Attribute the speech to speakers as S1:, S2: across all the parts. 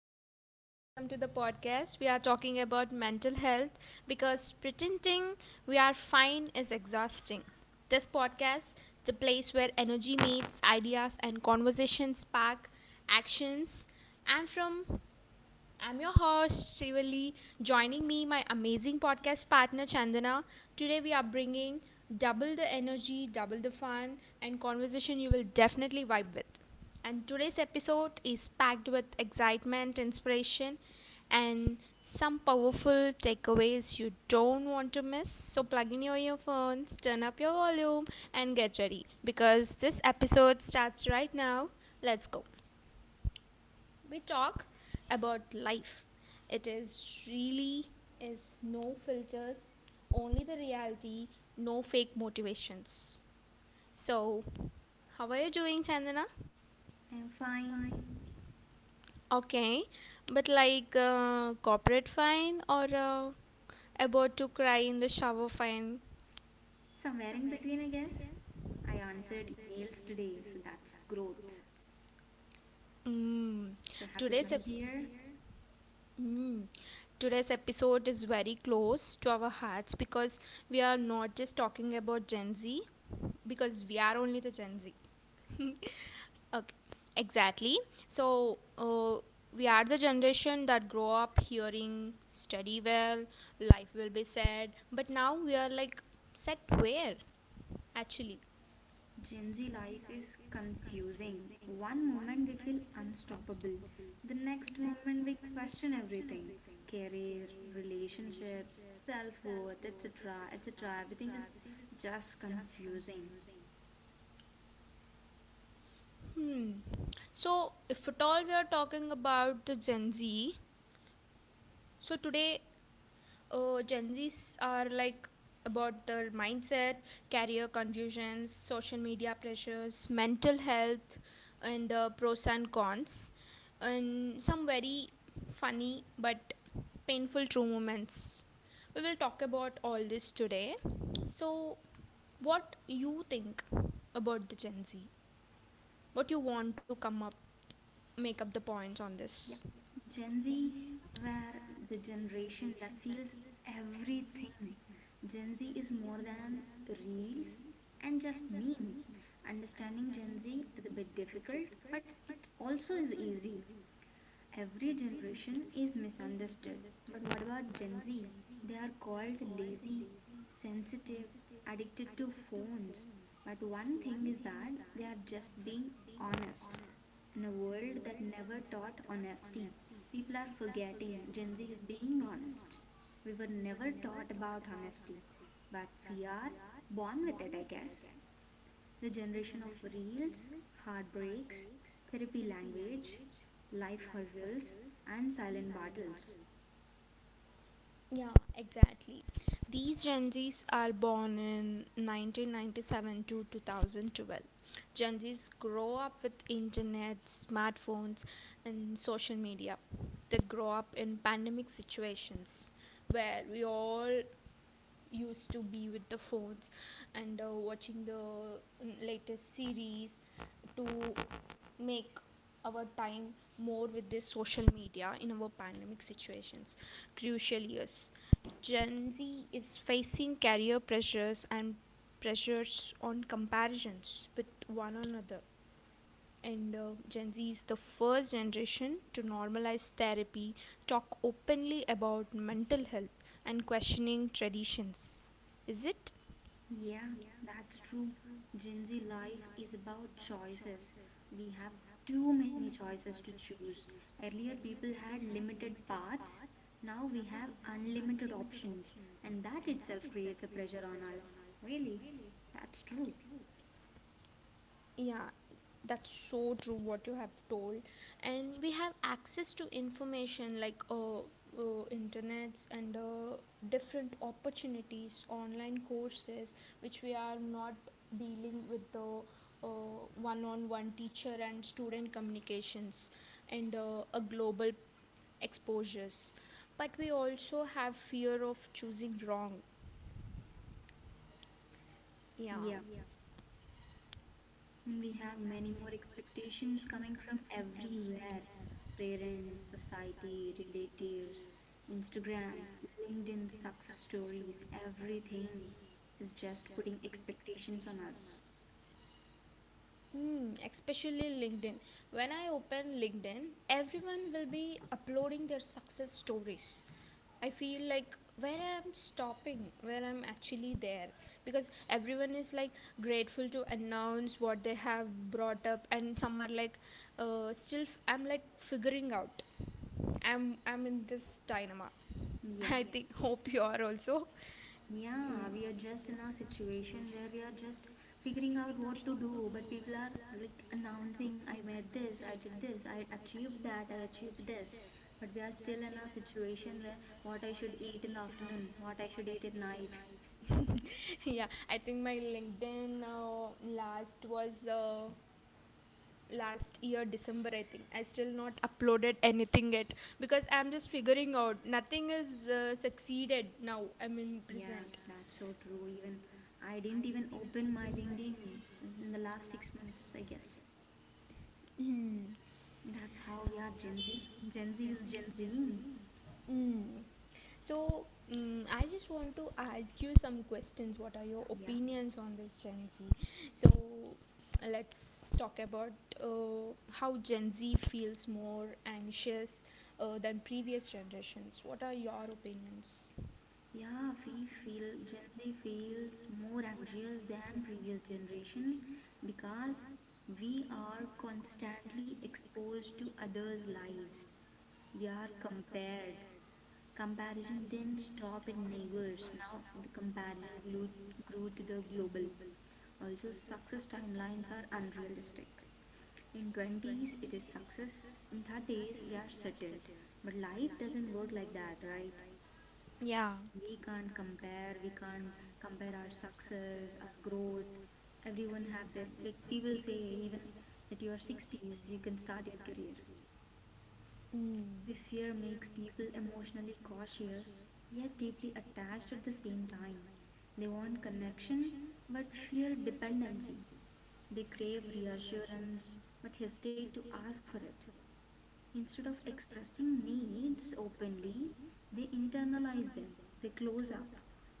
S1: everyone, welcome to the podcast. We are talking about mental health because pretending we are fine is exhausting. This podcast, the place where energy meets ideas and conversations spark actions. I'm from I'm your host, Srivali. Joining me, my amazing podcast partner, Chandana. Today, we are bringing double the energy, double the fun, and conversation you will definitely vibe with. And today's episode is packed with excitement, inspiration, and some powerful takeaways you don't want to miss. So, plug in your earphones, turn up your volume, and get ready because this episode starts right now. Let's go. We talk about life. It is no filters, only the reality, no fake motivations. So, how are you doing, Chandana?
S2: I'm fine.
S1: Okay, but like corporate fine or about to cry in the shower fine?
S2: Somewhere in between, I guess. I answered emails today, so that's growth.
S1: Mm.
S2: So happy to
S1: Today's
S2: be
S1: ep-
S2: here.
S1: Mm. Today's episode is very close to our hearts because we are not just talking about Gen Z, because we are only the Gen Z. Okay, exactly. So, we are the generation that grow up hearing, study well, life will be sad, but now we are like, set where actually?
S2: Gen Z life is confusing. One moment we feel unstoppable, the next moment we question everything career, relationships, self worth, etc. etc. Everything is just confusing.
S1: Hmm. So, if at all we are talking about the Gen Z, so today Gen Zs are like about their mindset, career confusions, social media pressures, mental health, and pros and cons, and some very funny but painful true moments. We will talk about all this today. So, what you think about the Gen Z? What you want to come up make up the points on
S2: Yeah,
S1: this?
S2: Gen Z were the generation that feels everything. Gen Z is more than reels and just memes. Understanding Gen Z is a bit difficult, but it also is easy. Every generation is misunderstood. But what about Gen Z? They are called lazy, sensitive, addicted to phones. But one thing is that they are just being honest. In a world that never taught honesty, people are forgetting Gen Z is being honest. We were never taught about honesty, but we are born with it, I guess. The generation of reels, heartbreaks, therapy language, life hustles, and silent battles.
S1: Yeah, exactly. These Gen Zs are born in 1997 to 2012. Gen Zs grow up with internet, smartphones, and social media. They grow up in pandemic situations where we all used to be with the phones and watching the latest series to make our time more with this social media in our pandemic situations crucial years. Gen Z is facing career pressures and pressures on comparisons with one another, and Gen Z is the first generation to normalize therapy, talk openly about mental health, and questioning traditions. Is it?
S2: Yeah, that's true. Gen Z life is about choices. We have too many choices to choose. Earlier, people had limited paths. Now we have unlimited options, and that itself creates a pressure on us. Really? That's true.
S1: Yeah, that's so true what you have told. And we have access to information like internets, and different opportunities, online courses, which we are not dealing with the uh, one-on-one teacher and student communications, and a global exposures. But we also have fear of choosing wrong. Yeah.
S2: Yeah.
S1: Yeah.
S2: And we have many more expectations coming from everywhere parents, society, relatives, Instagram, LinkedIn, success stories, everything is just putting expectations on us.
S1: Hmm, especially LinkedIn. When I open LinkedIn, everyone will be uploading their success stories. I feel like where I'm stopping, where I'm actually there. Because everyone is like grateful to announce what they have brought up, and some are like, still, I'm like figuring out. I'm in this dilemma.
S2: Yes.
S1: I think, hope you are also.
S2: Yeah,
S1: Mm.
S2: we are just in a situation where we are just figuring out what to do, but people are like announcing, I made this, I did this, I achieved that, I achieved this. But we are still in a situation where what I should eat in the afternoon, what I should eat at night.
S1: Yeah, I think my LinkedIn last was uh, last year December. I think I still not uploaded anything yet because I'm just figuring out. Nothing is succeeded now. I mean
S2: Yeah,
S1: present.
S2: that's so true. Even I didn't even open my LinkedIn in the last 6 months, I guess.
S1: Mm.
S2: That's how we are Gen Z. Gen Z is Gen Z.
S1: Mm. So, I just want to ask you some questions. What are your
S2: Yeah.
S1: opinions on this Gen Z? So, let's talk about how Gen Z feels more anxious than previous generations. What are your opinions?
S2: Yeah, we feel Gen Z feels more anxious than previous generations because we are constantly exposed to others' lives. We are compared. Comparison didn't stop at neighbors. Now the comparison grew, grew to the global. Also, success timelines are unrealistic. In 20s, it is success. In 30s, we are settled. But life doesn't work like that, right?
S1: Yeah,
S2: We can't compare, we can't compare our success, our growth. Everyone have their, like people say, even at your 60s you can start your career.
S1: mm,
S2: This fear makes people emotionally cautious yet deeply attached at the same time. They want connection but fear dependency. They crave reassurance but hesitate to ask for it. Instead of expressing needs openly, they internalize them. They close up,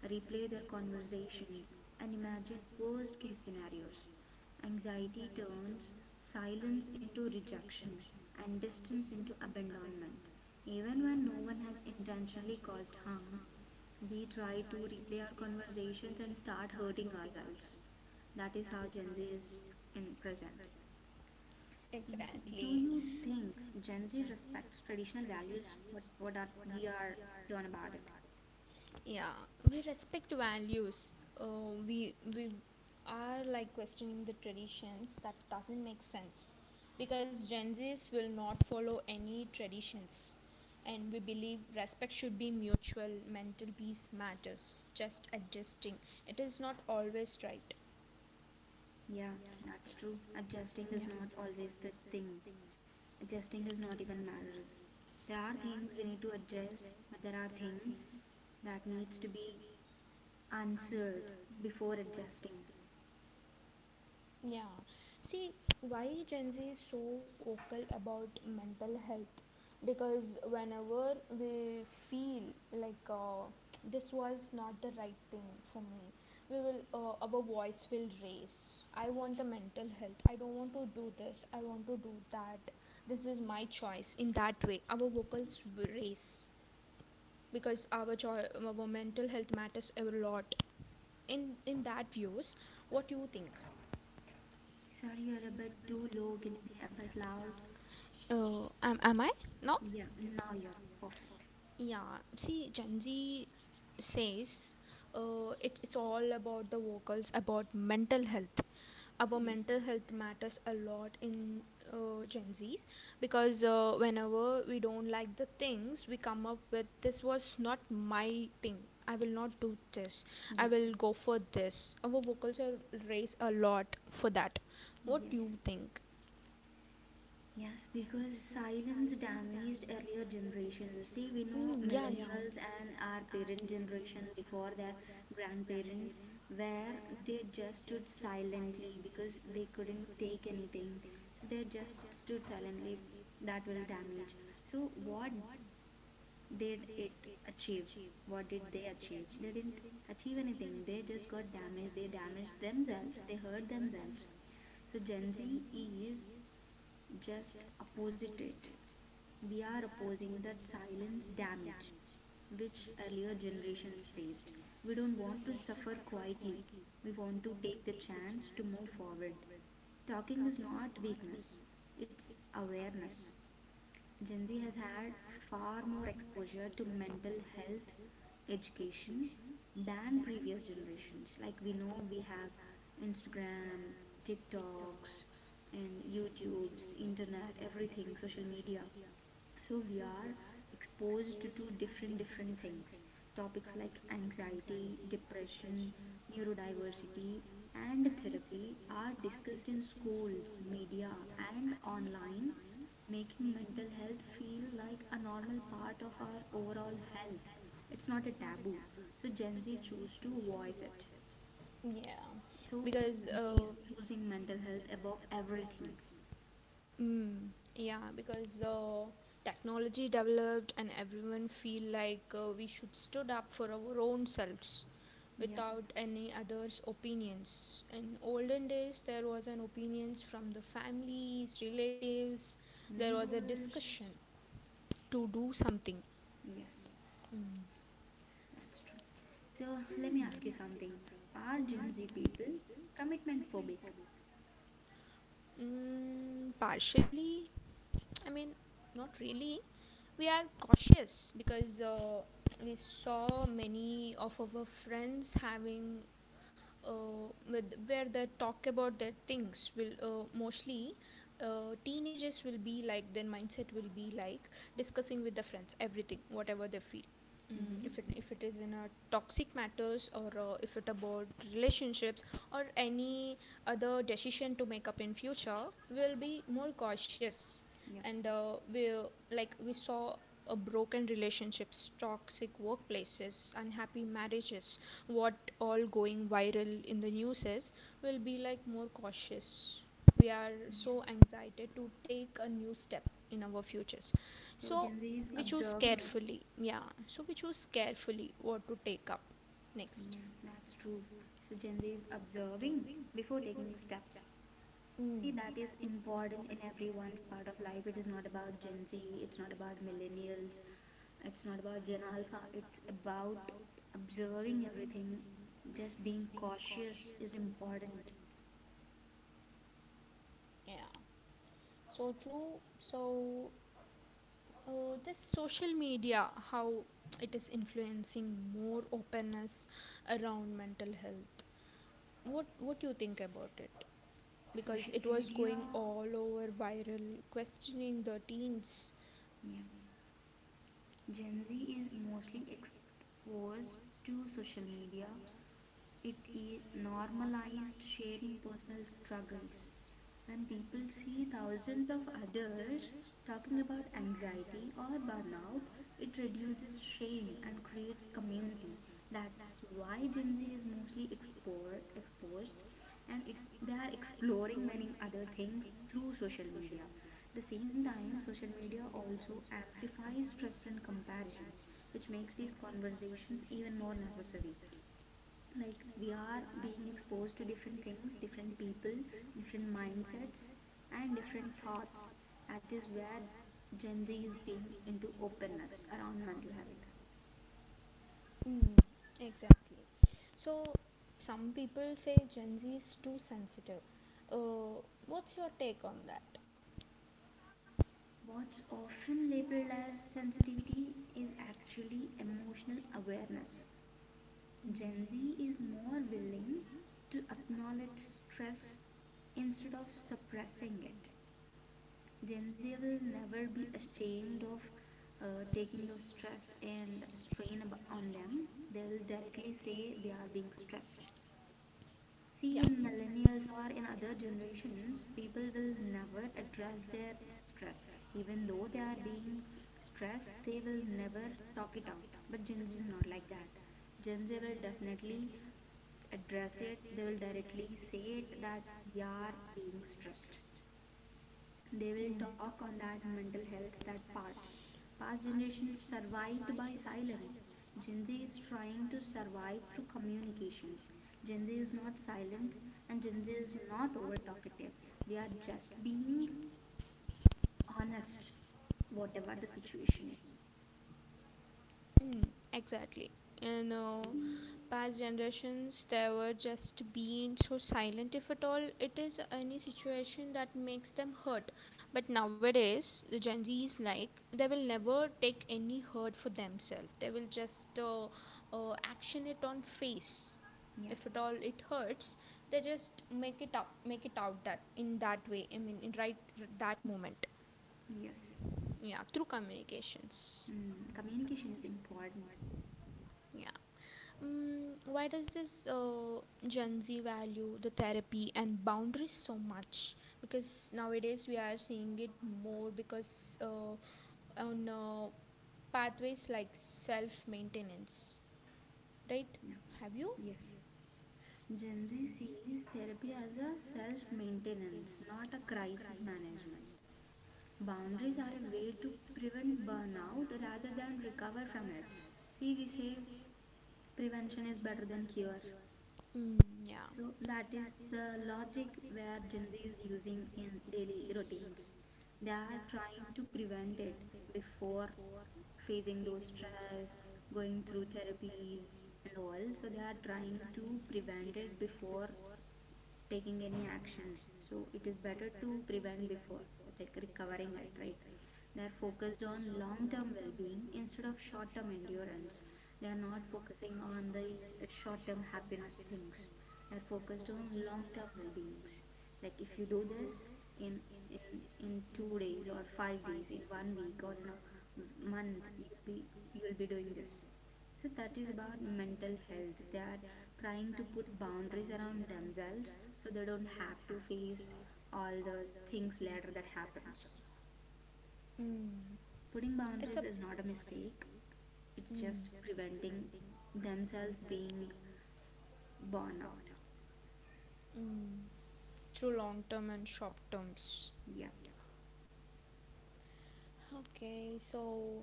S2: replay their conversations, and imagine worst case scenarios. Anxiety turns silence into rejection and distance into abandonment. Even when no one has intentionally caused harm, we try to replay our conversations and start hurting ourselves. That is how Gen Z is in present. Mm-hmm. Do
S1: exactly.
S2: you think Gen Z respects traditional values? What are we are done about it?
S1: Yeah, we respect values, uh, we are like questioning the traditions that doesn't make sense because Gen Z's will not follow any traditions. And we believe respect should be mutual. Mental peace matters. Just adjusting, it is not always right.
S2: Yeah, that's true. Adjusting
S1: Yeah.
S2: is not always the thing. Adjusting is not even matters. There are things we need to adjust, but there are things that needs to be answered before adjusting.
S1: Yeah. See, why Gen Z is so vocal about mental health? Because whenever we feel like this was not the right thing for me, we will our voice will raise. I want a mental health. I don't want to do this. I want to do that. This is my choice. In that way, our vocals will raise because our mental health matters a lot. In that views, what do you think?
S2: Sorry, you're a bit too low. Can you be a bit loud?
S1: Oh, am I? No?
S2: Yeah, now you're perfect.
S1: Yeah. See, Gen Z says it's all about the vocals, about mental health. Our
S2: Yeah,
S1: mental health matters a lot in Gen Zs because whenever we don't like the things, we come up with this was not my thing. I will not do this. I
S2: yeah,
S1: will go for this. Our vocals are raised a lot for that. What do
S2: yes.
S1: you think?
S2: Yes, because silence damaged earlier generations. See, we know
S1: Mm, yeah, yeah.
S2: millennials and our parent generation before their grandparents, where they just stood silently because they couldn't take anything. So they just stood silently. That will damage. So, what did it achieve? What did they achieve? They didn't achieve anything. They just got damaged. They damaged themselves. They hurt themselves. So Gen Z is just opposite it. We are opposing that silence damage which earlier generations faced. We don't want to suffer quietly. We want to take the chance to move forward. Talking is not weakness, it's awareness. Gen Z has had far more exposure to mental health education than previous generations. Like we know, we have Instagram, TikToks, and YouTube's, internet, everything, social media, so we are exposed to different different things. Topics like anxiety, depression, neurodiversity, and therapy are discussed in schools, media, and online, making mental health feel like a normal part of our overall health. It's not a taboo, so Gen Z choose to voice it.
S1: Yeah,
S2: So
S1: because
S2: Gen Z
S1: uh,
S2: is choosing mental health above everything.
S1: mm, yeah, because the technology developed and everyone feel like we should stood up for our own selves
S2: Yeah,
S1: without any others' opinions. In olden days, there was an opinions from the families, relatives. There was a
S2: neighbors.
S1: discussion to do something.
S2: Yes.
S1: Mm.
S2: That's true. So let me ask you something. Are
S1: Mm.
S2: Gen Z people commitment phobic?
S1: Partially, I mean, not really, we are cautious because we saw many of our friends having with where they talk about their things will mostly teenagers will be like their mindset will be like discussing with the friends everything whatever they feel,
S2: Mm-hmm.
S1: if it is in a toxic matters, or if it about relationships or any other decision to make up in future, will be more cautious.
S2: Yep.
S1: And we saw a broken relationships, toxic workplaces, unhappy marriages, what all going viral in the news is, we'll be like more cautious. We are
S2: Yeah.
S1: so anxiety to take a new step in our futures.
S2: So
S1: So
S2: Gen Z is
S1: we choose
S2: observing.
S1: carefully. Yeah. So we choose carefully what to take up next.
S2: Yeah, that's true. So Gen Z is observing before taking steps.
S1: Mm,
S2: See, that is important in everyone's part of life. It is not about Gen Z, it's not about millennials, it's not about Gen Alpha. It's about observing everything. Just being cautious is important.
S1: yeah, so true. So, this social media, how it is influencing more openness around mental health. What do you think about it? Because
S2: Social
S1: it was
S2: media,
S1: going all over viral, questioning the teens.
S2: yeah. Gen Z is mostly exposed to social media. It normalized sharing personal struggles. When people see thousands of others talking about anxiety or burnout, it reduces shame and creates community. That's why Gen Z is mostly exposed, and it, they are exploring many other things through social media. The same time, social media also amplifies stress and comparison, which makes these conversations even more necessary. Like we are being exposed to different things, different people, different mindsets, and different thoughts. That is where Gen Z is being into openness around mental health.
S1: Mm, exactly. So, some people say Gen Z is too sensitive. Uh, what's your take on that?
S2: What's often labeled as sensitivity is actually emotional awareness. Gen Z
S1: Mm.
S2: is more willing to acknowledge stress instead of suppressing it. Gen Z will never be ashamed of taking the stress and strain on them. They will directly say they are being stressed.
S1: Yeah.
S2: See, in millennials or in other generations, people will never address their stress. Even though they are being stressed, they will never talk it out. But Gen Z is not like that. Gen Z will definitely address it, they will directly say it that we are being stressed. They will talk
S1: Mm.
S2: on that mental health, that part. Past generations survived by silence. Gen Z is trying to survive through communications. Gen Z is not silent, and Gen Z is not over talkative. We are just being honest whatever the situation is.
S1: Mm, exactly. You know, past generations they were just being so silent, if at all it is any situation that makes them hurt. But nowadays, the Gen Z is like they will never take any hurt for themselves. They will just action it on face.
S2: Yeah.
S1: If at all it hurts, they just make it up, make it out that in that way. I mean, in right that moment.
S2: Yes.
S1: Yeah, through communications.
S2: Mm, communication is important.
S1: Yeah. Mm, why does this Gen Z value the therapy and boundaries so much? Because nowadays we are seeing it more because on pathways like self maintenance, right?
S2: Yeah.
S1: Have you?
S2: Yes. Gen Z sees therapy as a self maintenance, not a crisis management. Boundaries are a way to prevent burnout rather than recover from it. See, we say prevention is better than cure.
S1: Mm, yeah.
S2: So that is the logic where Gen Z is using in daily routines. They are trying to prevent it before facing those stress, going through therapies and all. So they are trying to prevent it before taking any actions, so it is better to prevent before like recovering it, right? They are focused on long term well being instead of short term endurance. They are not focusing on these short term happiness things. They are focused on long term well beings. Like if you do this in in in 2 days or 5 days, in 1 week or in a month, you'll be, you'll be doing this. So that is about mental health. They are trying to put boundaries around themselves so they don't have to face all the things later that happens.
S1: Mm,
S2: Putting boundaries is not a mistake. It's
S1: mm,
S2: just preventing themselves being born out.
S1: mm. Through long term and short terms.
S2: Yeah.
S1: Okay, so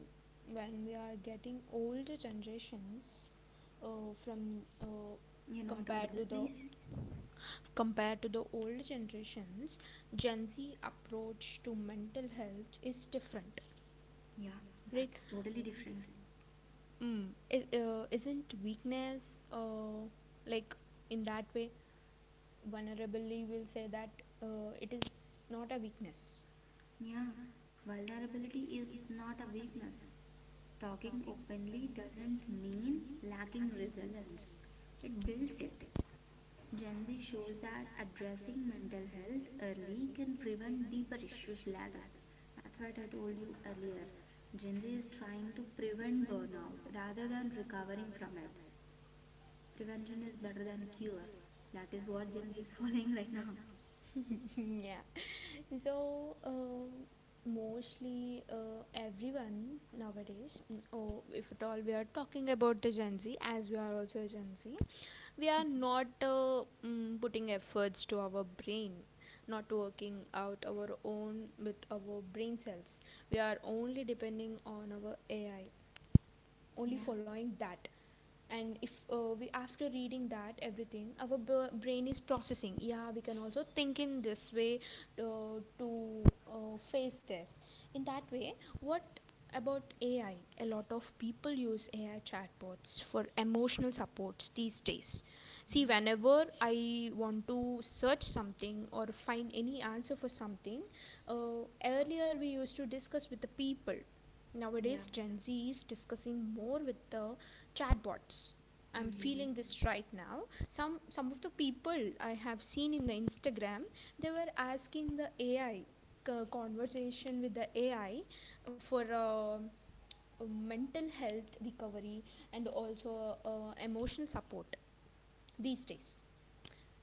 S1: when we are getting older generations from
S2: You're not
S1: compared
S2: audible,
S1: to the
S2: please.
S1: compared to the older generations, Gen Z approach to mental health is different,
S2: Yeah,
S1: right?
S2: that's totally different.
S1: Mm, it, isn't weakness like in that way vulnerably will say that it is not a weakness.
S2: Yeah, vulnerability is not a weakness. Talking openly doesn't mean lacking resilience, it builds it. Gen Z shows that addressing mental health early can prevent deeper issues later. That's what I told you earlier. Gen Z is trying to prevent burnout rather than recovering from it. Prevention is better than cure. That is what Gen Z is following right now.
S1: Yeah. So, mostly everyone nowadays, oh, if at all we are talking about the Gen Z, as we are also a Gen Z, we are not putting efforts to our brain, not working out our own with our brain cells. We are only depending on our AI, only
S2: Yeah,
S1: following that. And if we after reading that everything our brain is processing, yeah, we can also think in this way to face this in that way. What about AI? A lot of people use AI chatbots for emotional supports these days. See,
S2: yeah,
S1: whenever I want to search something or find any answer for something, earlier we used to discuss with the people.
S2: yeah.
S1: Nowadays, Gen Z is discussing more with the chatbots. I'm
S2: Hmm.
S1: feeling this right now. Some of the people I have seen in the Instagram, they were asking the AI, conversation with the AI, for mental health recovery, and also emotional support these days.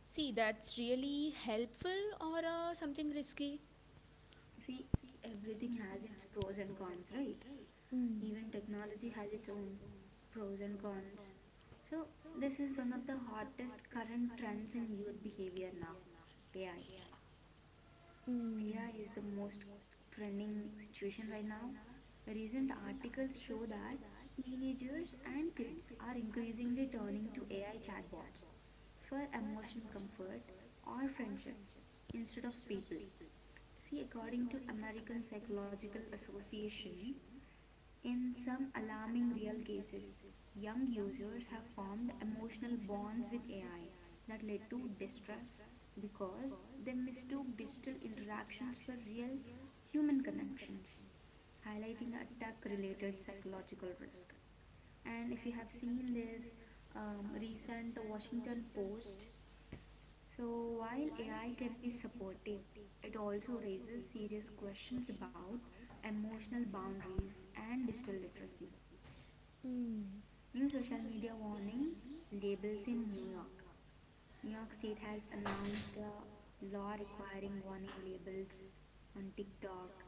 S1: See, that's really helpful or something risky.
S2: See, everything has its pros and cons, right?
S1: Mm.
S2: Even technology has its own pros and cons. So, this is one of the hottest current trends in youth behavior now, AI.
S1: Mm.
S2: AI is the most trending situation right now. Recent articles show that teenagers and kids are increasingly turning to AI chatbots for emotional comfort or friendships instead of people. See, according to American Psychological Association, in some alarming real cases, young users have formed emotional bonds with AI that led to distrust because they mistook digital interactions for real human connections, highlighting attack related psychological risk. And if you have seen this recent Washington Post, so while AI can be supportive, it also raises serious questions about emotional boundaries and digital literacy.
S1: Mm,
S2: New social media warning labels in New York. New York State has announced a law requiring warning labels on TikTok,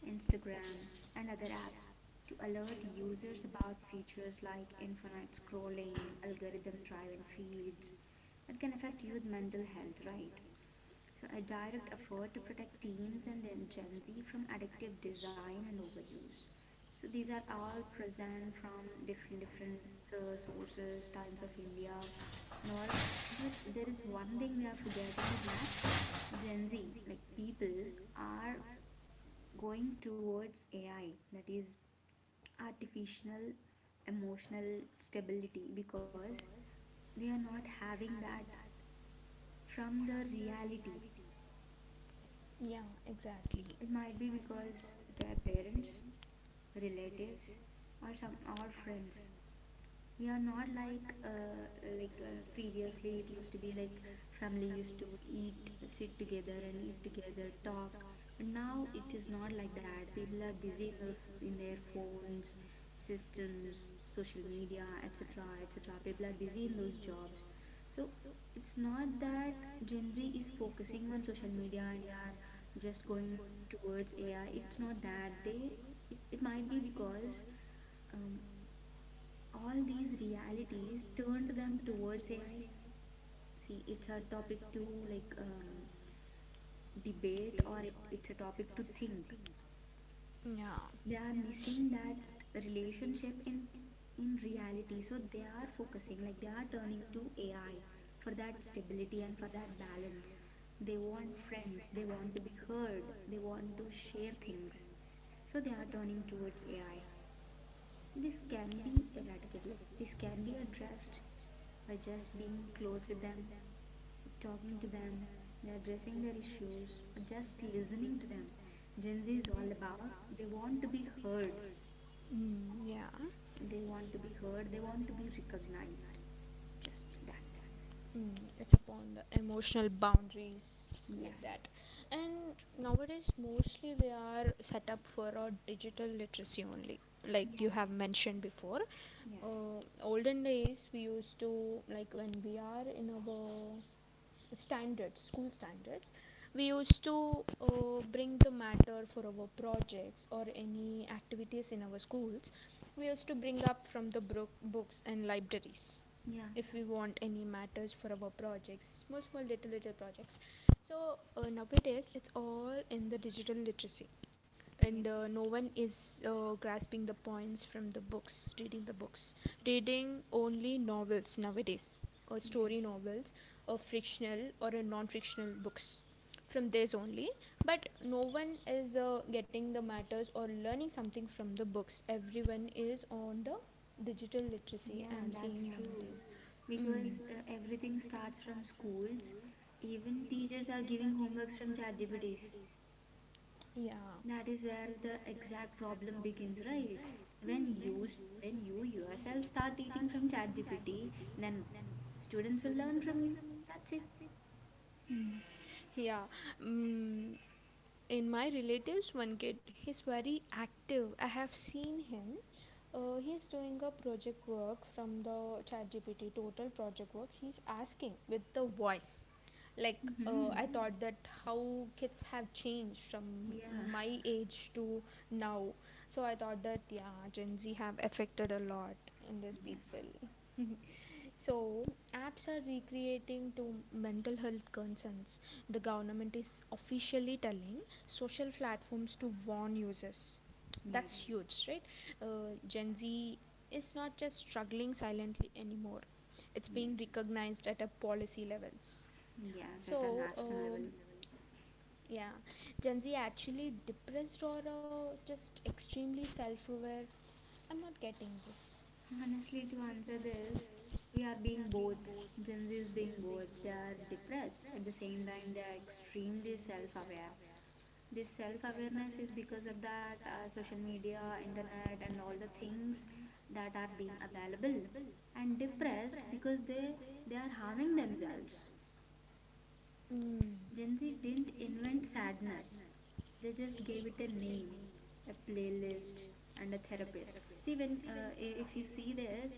S2: Instagram, and other apps to alert users about features like infinite scrolling, algorithm driven feeds that can affect youth mental health, right? So, a direct effort to protect teens and Gen Z from addictive design and overuse. So, these are all present from different different sources, Times of India, and all. But there is one thing we are forgetting is that Gen Z, like people, are going towards AI, that is artificial emotional stability, because they are not having that from the reality.
S1: yeah, exactly.
S2: It might be because their parents, relatives, or some or friends we are not like like previously it used to be like family used to eat sit together and eat together talk, but now it is not like that. People are busy in their phones, systems, social media, etc., etc. People are busy in those jobs. So it's not that Gen Z is focusing on social media and they are just going towards AI. It's not that they it might be because um, all these realities turned them towards AI. See, it's a topic to like debate, or it's a topic to think. They are
S1: Yeah.
S2: missing that relationship in reality, so they are focusing like they are turning to AI for that stability and for that balance. They want friends. They want to be heard. They want to share things. So they are turning towards AI. This can be eradicated. Like this can be addressed by just being close with them, talking to them, addressing their issues, or just listening to them. Gen Z is all about they want to be heard,
S1: Mm, yeah.
S2: they want to be heard, they want to be recognized. Just that.
S1: Mm, it's upon the emotional boundaries like
S2: Yes.
S1: that. And nowadays, mostly we are set up for a digital literacy only, like
S2: Yeah.
S1: you have mentioned before.
S2: Yes.
S1: Olden days, we used to, like, when we are in our standards, school standards, we used to bring the matter for our projects or any activities in our schools. We used to bring up from the books and libraries
S2: Yeah.
S1: if we want any matters for our projects, small, small, little, little projects. So nowadays, it's all in the digital literacy, and
S2: Yes.
S1: no one is grasping the points from the books, reading the books, reading only novels nowadays, or story
S2: Yes.
S1: novels, or fictional or a non-fictional books. From these only, but no one is getting the matters or learning something from the books. Everyone is on the digital literacy,
S2: Yeah,
S1: I'm
S2: that's
S1: seeing
S2: true.
S1: nowadays. Mm.
S2: Because everything starts from schools. Even teachers are giving homeworks from ChatGPTs.
S1: Yeah.
S2: That is where the exact problem begins, right? When you
S1: Mm.
S2: when you yourself start teaching from ChatGPT, then students will learn from you. That's it.
S1: Mm. Yeah. mm, In my relatives, one kid, he's very active. I have seen him. He's doing a project work from the ChatGPT, total project work. He's asking with the voice.
S2: Hmm.
S1: I thought that how kids have changed from
S2: Yeah.
S1: my age to now. So I thought that yeah, Gen Z have affected a lot in these
S2: Yes.
S1: people. So, apps are recreating to mental health concerns. The government is officially telling social platforms to warn users. That's
S2: Yes.
S1: huge, right? Gen Z is not just struggling silently anymore, it's
S2: Yes.
S1: being recognized at a policy levels.
S2: Yes. At a
S1: So,
S2: national
S1: um,
S2: level.
S1: yeah, Gen Z actually depressed or just extremely self aware? I'm not getting this.
S2: Honestly, to answer this, we are being both. Gen Z is being both. They are depressed at the same time. They are extremely self-aware. This self awareness is because of that social media, internet, and all the things that are being available, and depressed because they are harming themselves.
S1: Mm.
S2: Gen Z didn't invent sadness, they just gave it a name, a playlist, and a therapist. See, when if you see this,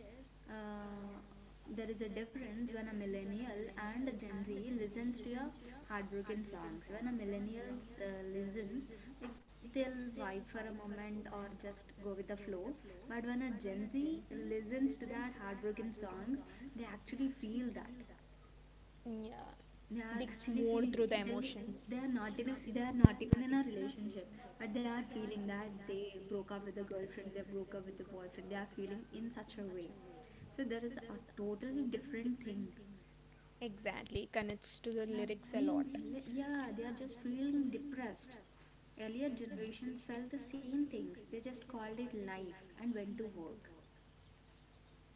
S2: uh, there is a difference when a millennial and a Gen Z listens to your heartbroken songs. When a millennial listens, like they'll vibe for a moment or just go with the flow. But when a Gen Z listens to that heartbroken songs, they actually feel that
S1: Yeah,
S2: they are
S1: digs
S2: actually
S1: more
S2: feeling
S1: through the
S2: they they are
S1: emotions.
S2: not in they are not even in a relationship, but they are feeling that they broke up with a girlfriend, they broke up with a boyfriend. They are feeling in such a way. So there is a totally different thing.
S1: Exactly, connects to the
S2: They are
S1: lyrics a lot.
S2: being yeah, they are just feeling depressed. Earlier generations felt the same things, they just called it life and went to work.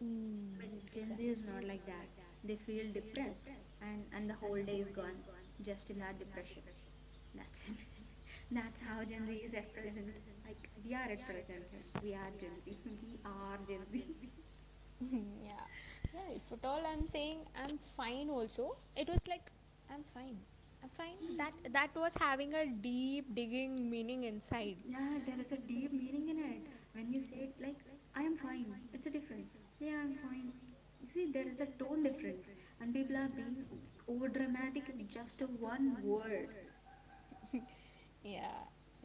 S1: Mm,
S2: But Gen Z
S1: exactly.
S2: is not like that. They feel depressed, and the whole day is gone just in that depression. That's it. That's how Gen Z is at present. Like we are at present. We are Gen Z. We are Gen Z.
S1: Yeah, yeah. If at all I'm saying I'm fine, also it was like I'm fine. I'm fine. That was having a deep digging meaning inside.
S2: Yeah, there is a deep meaning in it. When you say it like I am fine, it's a different. Yeah, I'm fine. You see, there is a tone difference, and people are being over dramatic in just one word.
S1: Yeah,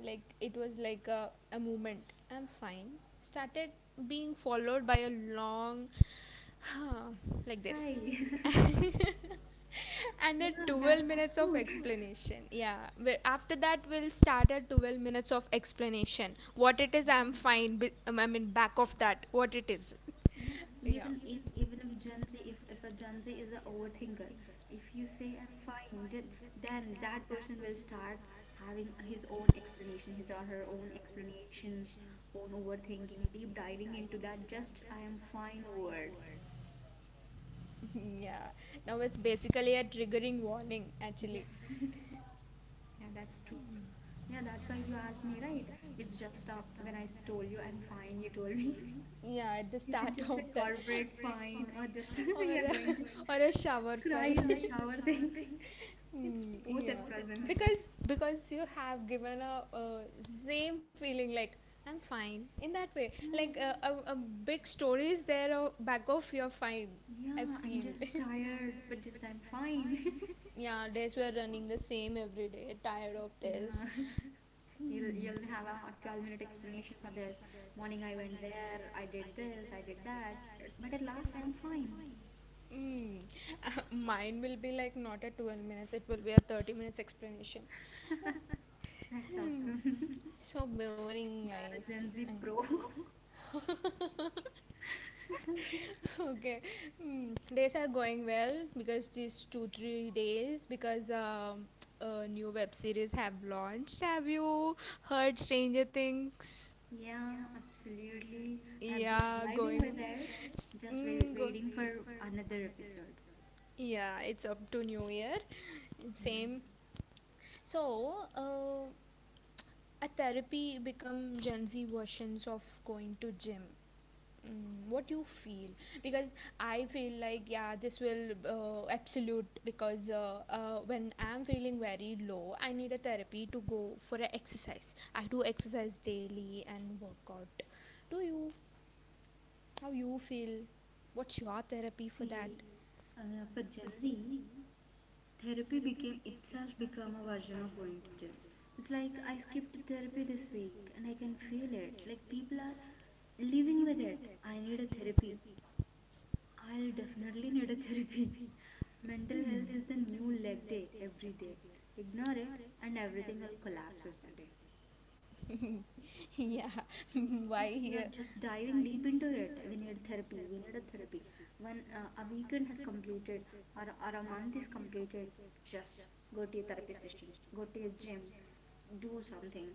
S1: like it was like a movement I'm fine started being followed by a long like this
S2: Sigh.
S1: and
S2: Yeah,
S1: a 12
S2: that's the
S1: minutes of
S2: truth.
S1: explanation yeah after that we'll start at 12 minutes of explanation what it is I'm fine back of that what it is.
S2: Yeah,
S1: Yeah.
S2: even if Gen Z, if a Gen Z is a overthinker, if you say I'm fine, then that person will start having his own explanation, his or her own explanations, own overthinking, deep diving into that just I am fine word.
S1: Yeah, now it's basically a triggering warning actually.
S2: Yes. Yeah, that's true. Yeah, that's why you asked me, right? It's just when I told you I'm fine, you told me,
S1: Yeah, at the
S2: is it
S1: start
S2: just
S1: of
S2: a
S1: that.
S2: corporate fine or just
S1: Or
S2: you're
S1: a,
S2: going
S1: or
S2: to
S1: a shower
S2: cry
S1: fine.
S2: in the shower thing? It's
S1: Mm,
S2: both
S1: yeah,
S2: at present.
S1: because you have given a, same feeling like I'm fine in that way
S2: No.
S1: like a big story is there back of your fine. I
S2: Yeah,
S1: Yeah,
S2: I'm
S1: feel I
S2: just
S1: understand.
S2: tired, but just I'm fine.
S1: Yeah, days we are running the same every day tired of
S2: Yeah.
S1: this.
S2: You'll
S1: Yeah.
S2: you'll have a 12-minute explanation for this. Morning I went there, I did this, I did that, but at last I'm fine.
S1: Mm. Mine will be like not a 12 minutes, it will be a 30 minutes explanation.
S2: That's
S1: Hmm.
S2: awesome.
S1: So boring
S2: You are a
S1: life.
S2: Gen Z
S1: And-
S2: pro.
S1: okay. Hmm. Days are going well because these 2 3 days because a new web series have launched. Have you heard Stranger Things?
S2: Yeah, absolutely. I've been
S1: Yeah,
S2: vibing with
S1: going.
S2: it, just
S1: Mm, go.
S2: waiting for another episode.
S1: Yeah, it's up to New Year.
S2: Yeah.
S1: Same. So, uh, a therapy become Gen Z versions of going to gym. Mm, what you feel, because I feel like yeah this will absolute because when I'm feeling very low I need a therapy to go for an exercise. I do exercise daily and workout. Do you, how you feel, what's your therapy for that?
S2: See, for Gen Z, therapy became itself become a version of going to gym. It's like I skipped therapy this week and I can feel it. Like people are living with it. I need a therapy. I'll definitely need a therapy. Mental
S1: Hmm.
S2: health is the new leg day. Every day ignore it and everything will collapse as that day.
S1: Yeah. Why
S2: Just, we are
S1: here.
S2: just diving deep into it. We need therapy. We need a therapy. When a weekend has completed, or a month is completed, just go to your therapy session, go to your gym, do something.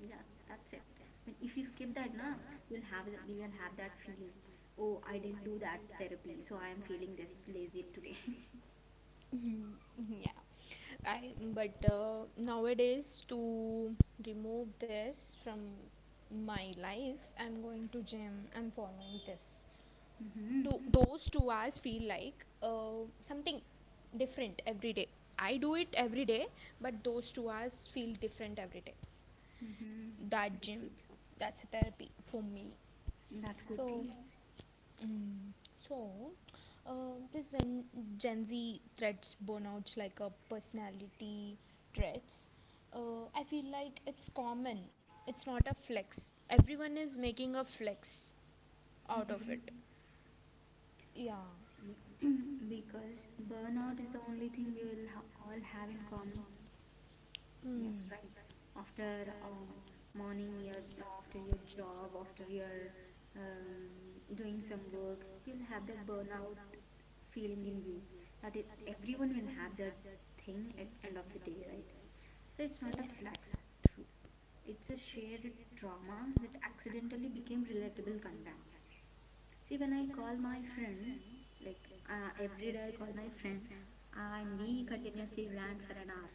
S2: Yeah, that's it. But if you skip that, na, you'll have that feeling. Oh, I didn't do that therapy, so I am feeling this lazy today.
S1: Mhm. Yeah, I but nowadays to remove this from my life, I'm going to gym. I'm following this.
S2: Mm-hmm.
S1: To those 2 hours feel like something different every day. I do it every day, but those 2 hours feel different every day.
S2: Mm-hmm.
S1: That
S2: That's
S1: gym,
S2: good.
S1: that's a therapy for me.
S2: That's good thing.
S1: So, mm. So, this Gen Z threats burnouts like a personality threats. I feel like it's common. It's not a flex. Everyone is making a flex out of
S2: Mm-hmm.
S1: it. Yeah.
S2: Because burnout is the only thing we will all have in common. Yes,
S1: Mm.
S2: right. After morning, your after your job, after your doing some work, you'll have that burnout feeling in you. That it, everyone will have that thing at end of the day, right? So it's not a
S1: Yeah.
S2: flex, true. It's a shared trauma that accidentally became relatable content. See, when I call my friend, like every day I call my friend, and we continuously rant for an hour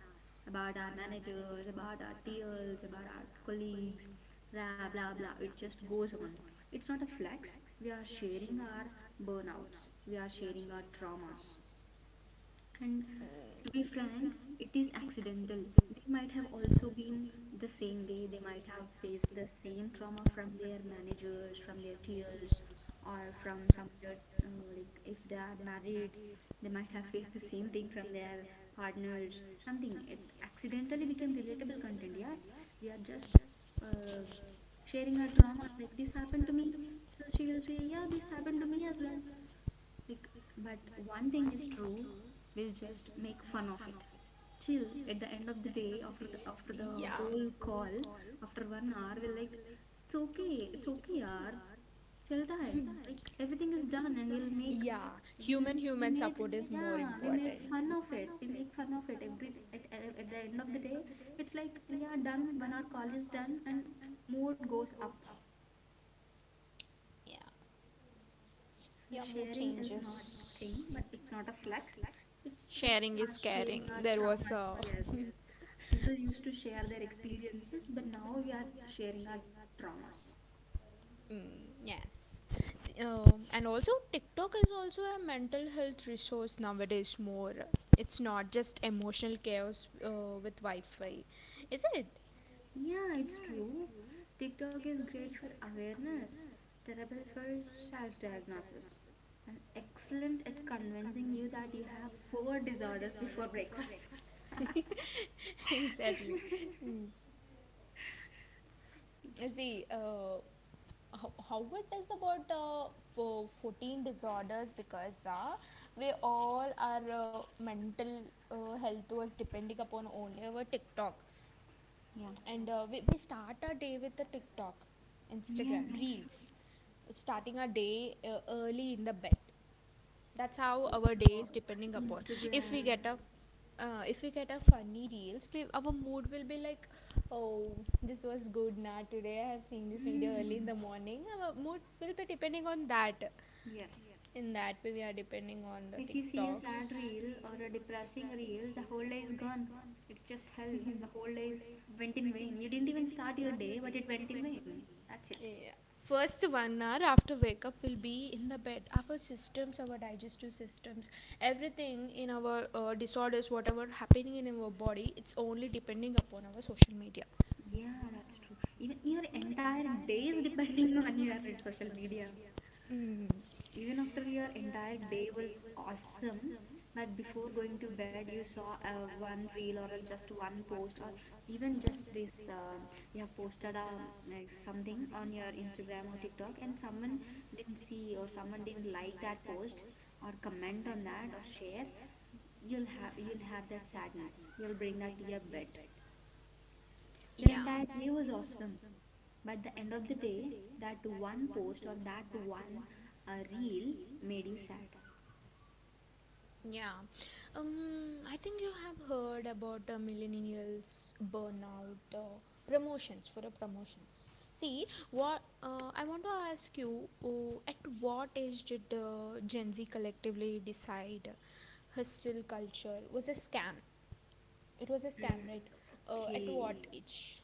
S2: about our managers, about our TLs, about our colleagues, blah blah blah. It just goes on. It's not a flex. We are sharing our burnouts, we are sharing our traumas, and to be frank it is accidental. They might have also been the same way. They might have faced the same trauma from their managers, from their tears, or from some other uh, like if they are married, they might have faced the same thing from their partners, something. It accidentally became relatable content. Yeah, we are just uh, sharing our trauma, like this happened to me, so she will say yeah, this happened to me as well. Bec- But one thing is true, we'll just make fun of it. Chill. At the end of the day, after the
S1: Yeah.
S2: whole call, after 1 hour, we're like, it's okay, yaar. Chalta hai. Like everything is done, and
S1: Yeah.
S2: we'll
S1: Human
S2: we
S1: human
S2: made,
S1: support is more, yeah,
S2: yeah, we made
S1: important.
S2: fun of it. We make fun of it. Every at the end of the day, it's like yeah, done. 1 hour call is done, and mood goes up.
S1: Yeah.
S2: So
S1: Yeah, mood
S2: sharing is not a
S1: changes.
S2: thing, but it's not a flex. It's just
S1: Sharing is
S2: us sharing our
S1: caring. There was
S2: traumas.
S1: a.
S2: Yes. People used to share their experiences, but now we are sharing our traumas.
S1: Mm, yes. And also, TikTok is also a mental health resource nowadays more. It's not just emotional chaos with Wi Fi. Is it?
S2: Yeah, it's true. TikTok is great for awareness, terrible for self diagnosis, and excellent at convincing you that you have four disorders before breakfast.
S1: Exactly. Mm.
S2: It's true.
S1: See, how it is about 14 disorders because we all our mental health was depending upon only our TikTok.
S2: Yeah.
S1: And we start our day with the TikTok,
S2: Yeah,
S1: Instagram,
S2: that's true.
S1: Reels, starting our day early in the bed. That's how our day is
S2: TikToks,
S1: depending upon. If we get
S2: Instagrams.
S1: a funny reels, we, our mood will be like, oh, this was good. Nah, today I have seen this video early
S2: Hmm.
S1: in the morning, our mood will be depending on that.
S2: Yes.
S1: In that way we are depending on the
S2: If you see a sad
S1: tiktoks.
S2: reel or a depressing reel, the whole day is gone. It's just hell. The whole day is went in vain. You didn't even start your day, but it went in vain. That's it.
S1: Yeah. First 1 hour after wake up will be in the bed. Our systems, our digestive systems, everything in our disorders, whatever happening in our body, it's only depending upon our social media.
S2: Yeah, that's true. Even your entire day is depending on your social media.
S1: Mm.
S2: Even after your entire day was awesome, but before going to bed you saw one reel or just one post, or even just this you have posted like something on your Instagram or TikTok, and someone didn't see or someone didn't like that post or comment on that or share, you'll have that sadness, you'll bring that to your bed. Their entire day
S1: Yeah.
S2: was awesome. But the end of the day, that one post or that one reel made you sad.
S1: Yeah. Um, I think you have heard about the millennials burnout promotions for the promotions. See, what I want to ask you, at what age did the Gen Z collectively decide hostile culture was a scam? It was a
S2: Mm.
S1: scam, right? At
S2: Okay.
S1: what age?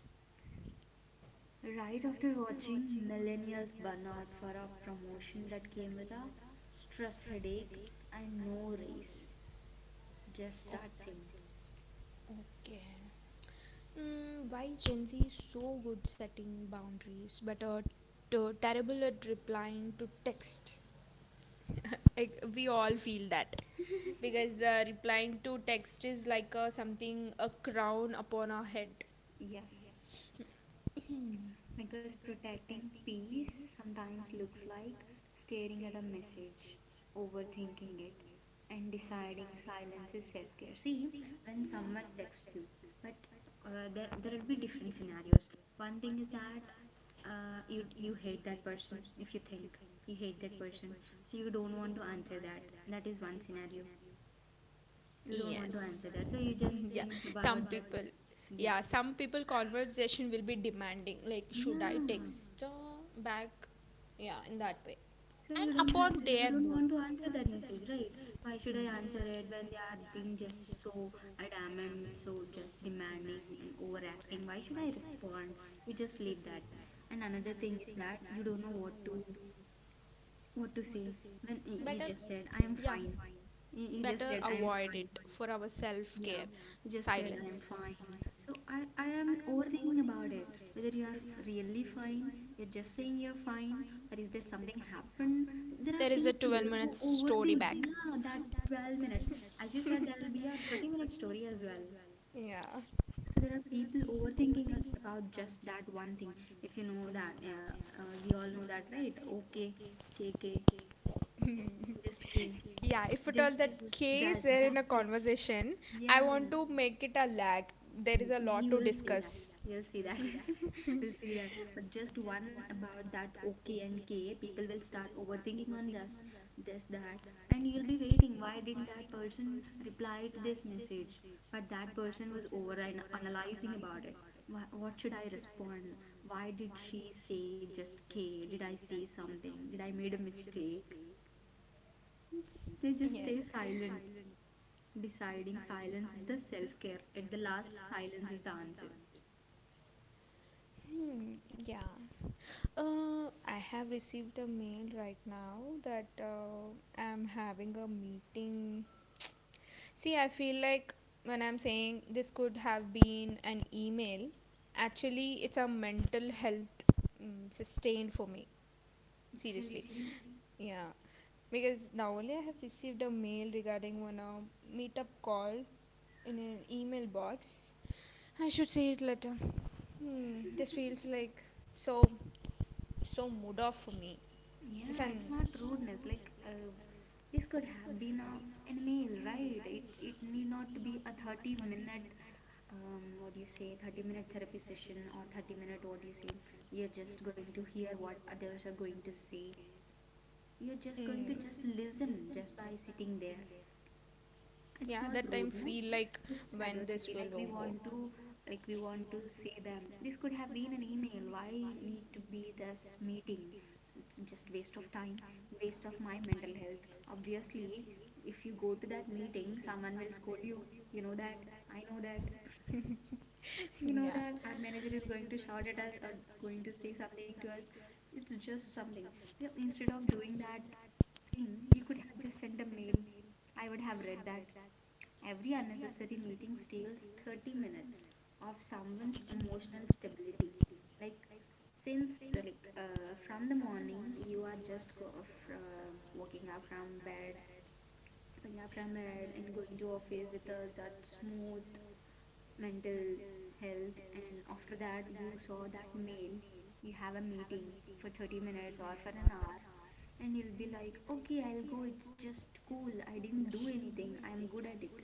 S2: Right after watching Millennials Burn Out for a promotion that came with a stress headache and no raise, just
S1: Oh.
S2: that thing.
S1: Okay. Mm, why Gen Z is so good setting boundaries, but are terrible at replying to text? Like, we all feel that, because replying to text is like something a crown upon our head.
S2: Yes. Because protecting peace sometimes looks like staring at a message, overthinking it, and deciding silence is self care. See, when someone texts you, but there will be different scenarios. One thing is that you hate that person. If you think you hate that person, so you don't want to answer that. That is one scenario. You don't want to
S1: Yes.
S2: answer that, so you just
S1: Yeah.
S2: think about
S1: Some
S2: that.
S1: people.
S2: Yeah.
S1: Yeah, some people conversation will be demanding. Like, should
S2: Yeah.
S1: I text back? Yeah, in that way,
S2: So
S1: and
S2: you don't have
S1: upon
S2: to, you
S1: their
S2: don't want to
S1: mood.
S2: answer that message, right? Why should I answer it
S1: Mm.
S2: when they are being just so adamant, so just demanding and overacting? Why should I respond? You just leave that. And another thing is that you don't know what to say when you
S1: Better,
S2: just said I am
S1: yeah,
S2: fine. You just
S1: better
S2: said I am
S1: avoid
S2: fine.
S1: it for our self
S2: Yeah,
S1: care.
S2: you just said I am
S1: Silence.
S2: fine. So I am overthinking about it. Whether you are really fine, you're just saying you're fine, or is there something happened? There are people who overthink. Yeah, that 12-minute minute. As you said, there will be a 30-minute minute story as well.
S1: Yeah.
S2: So there are people overthinking about just that one thing. If you know that, we all know that, right? Okay, K K, just K,
S1: Yeah, if at all
S2: just
S1: that
S2: just that
S1: case they're
S2: that
S1: in a
S2: text.
S1: conversation, I
S2: Yeah.
S1: want to make it a lag. There is a lot
S2: You
S1: to
S2: will see that.
S1: discuss.
S2: You'll see that. We'll see that. But just one about that OK and K, people will start overthinking on just this, that, and you'll be waiting. Why didn't that person reply to this message? But that person was analyzing about it. Why, what should I respond? Why did she say just K? Did I say something? Did I made a mistake? They just
S1: Yes.
S2: stay silent. Deciding silence is the self care. At the last, silence is the answer.
S1: Hmm, yeah. I have received a mail right now that I'm having a meeting. See, I feel like when I'm saying this could have been an email, actually, it's a mental health sustain for me. Seriously.
S2: Absolutely.
S1: Yeah. Because now only I have received a mail regarding one meetup call in an email box. I should say it later. Hmm, this feels like so, so mood off for me. It's
S2: Yeah,
S1: an.
S2: it's not rudeness. Like, this could have been an meal, right? It need not to be a 30-minute minute, what do you say, 30-minute minute therapy session or 30-minute minute, what do you say? You're just going to hear what others are going to say. You're just going to
S1: Mm.
S2: just listen just by sitting there. It's
S1: Yeah,
S2: not
S1: that time
S2: rudeness,
S1: feel like
S2: it's
S1: when
S2: advocacy.
S1: this
S2: Like
S1: will
S2: we
S1: over.
S2: want to, like we want to say them this could have been an email. Why need to be this meeting? It's just waste of time, waste of my mental health. Obviously if you go to that meeting, someone will scold you. You know that, I know that. We know
S1: Yeah.
S2: that our manager is going to shout at us or going to say something to us. It's just something. Yeah, instead of doing that thing you could have just sent a mail. I would have read that. Every unnecessary meeting steals 30 minutes of someone's emotional stability. Like, since the like from the morning you are just go from waking up from bed, and going to office with that smooth mental health, and after that you saw that mail. You have a meeting for 30 minutes or for an hour, and you'll be like, okay, I'll go, it's just cool, I didn't do anything, I'm good at it.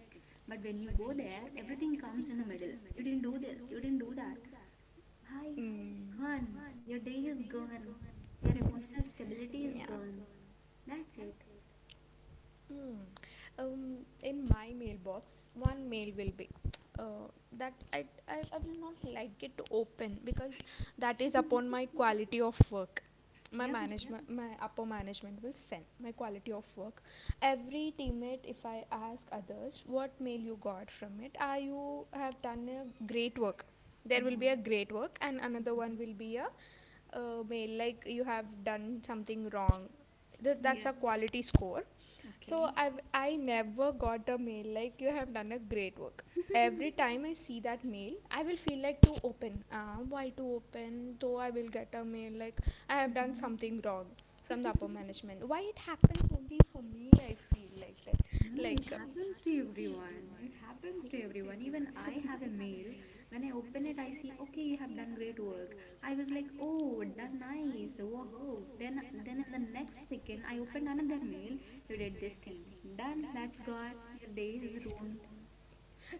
S2: But when you go there, everything comes in the middle. You didn't do this, you didn't do that. Bye.
S1: Mm.
S2: Gone. Your day is gone. Your emotional stability is
S1: Yeah.
S2: gone. That's it.
S1: Hmm. Um, in my mailbox, one mail will be uh, that I will not like it to open because that is upon my quality of work. My
S2: Yep.
S1: management, my upper management will send my quality of work. Every teammate, if I ask others what mail you got from it, are you have done a great work. There will
S2: Yeah.
S1: be a great work, and another one
S2: Mhm.
S1: will be a mail like you have done something wrong.
S2: Yeah.
S1: That's a quality score,
S2: Okay.
S1: so I never got a mail like you have done a great work. Every time I see that mail, I will feel like to open. Why to open? Though I will get a mail like I have done
S2: Hmm.
S1: something wrong from the upper management. Why it happens only for me? I feel like that.
S2: No,
S1: Like
S2: it
S1: happens
S2: happens to
S1: to everyone.
S2: everyone. It happens to everyone. Even I have a
S1: I
S2: mail.
S1: mail.
S2: When I open it, I see, okay, you have done great work. I was like, oh, done nice. Whoa. Then in the next second, I opened another mail. You did this thing. Done. That's gone. Your day is ruined.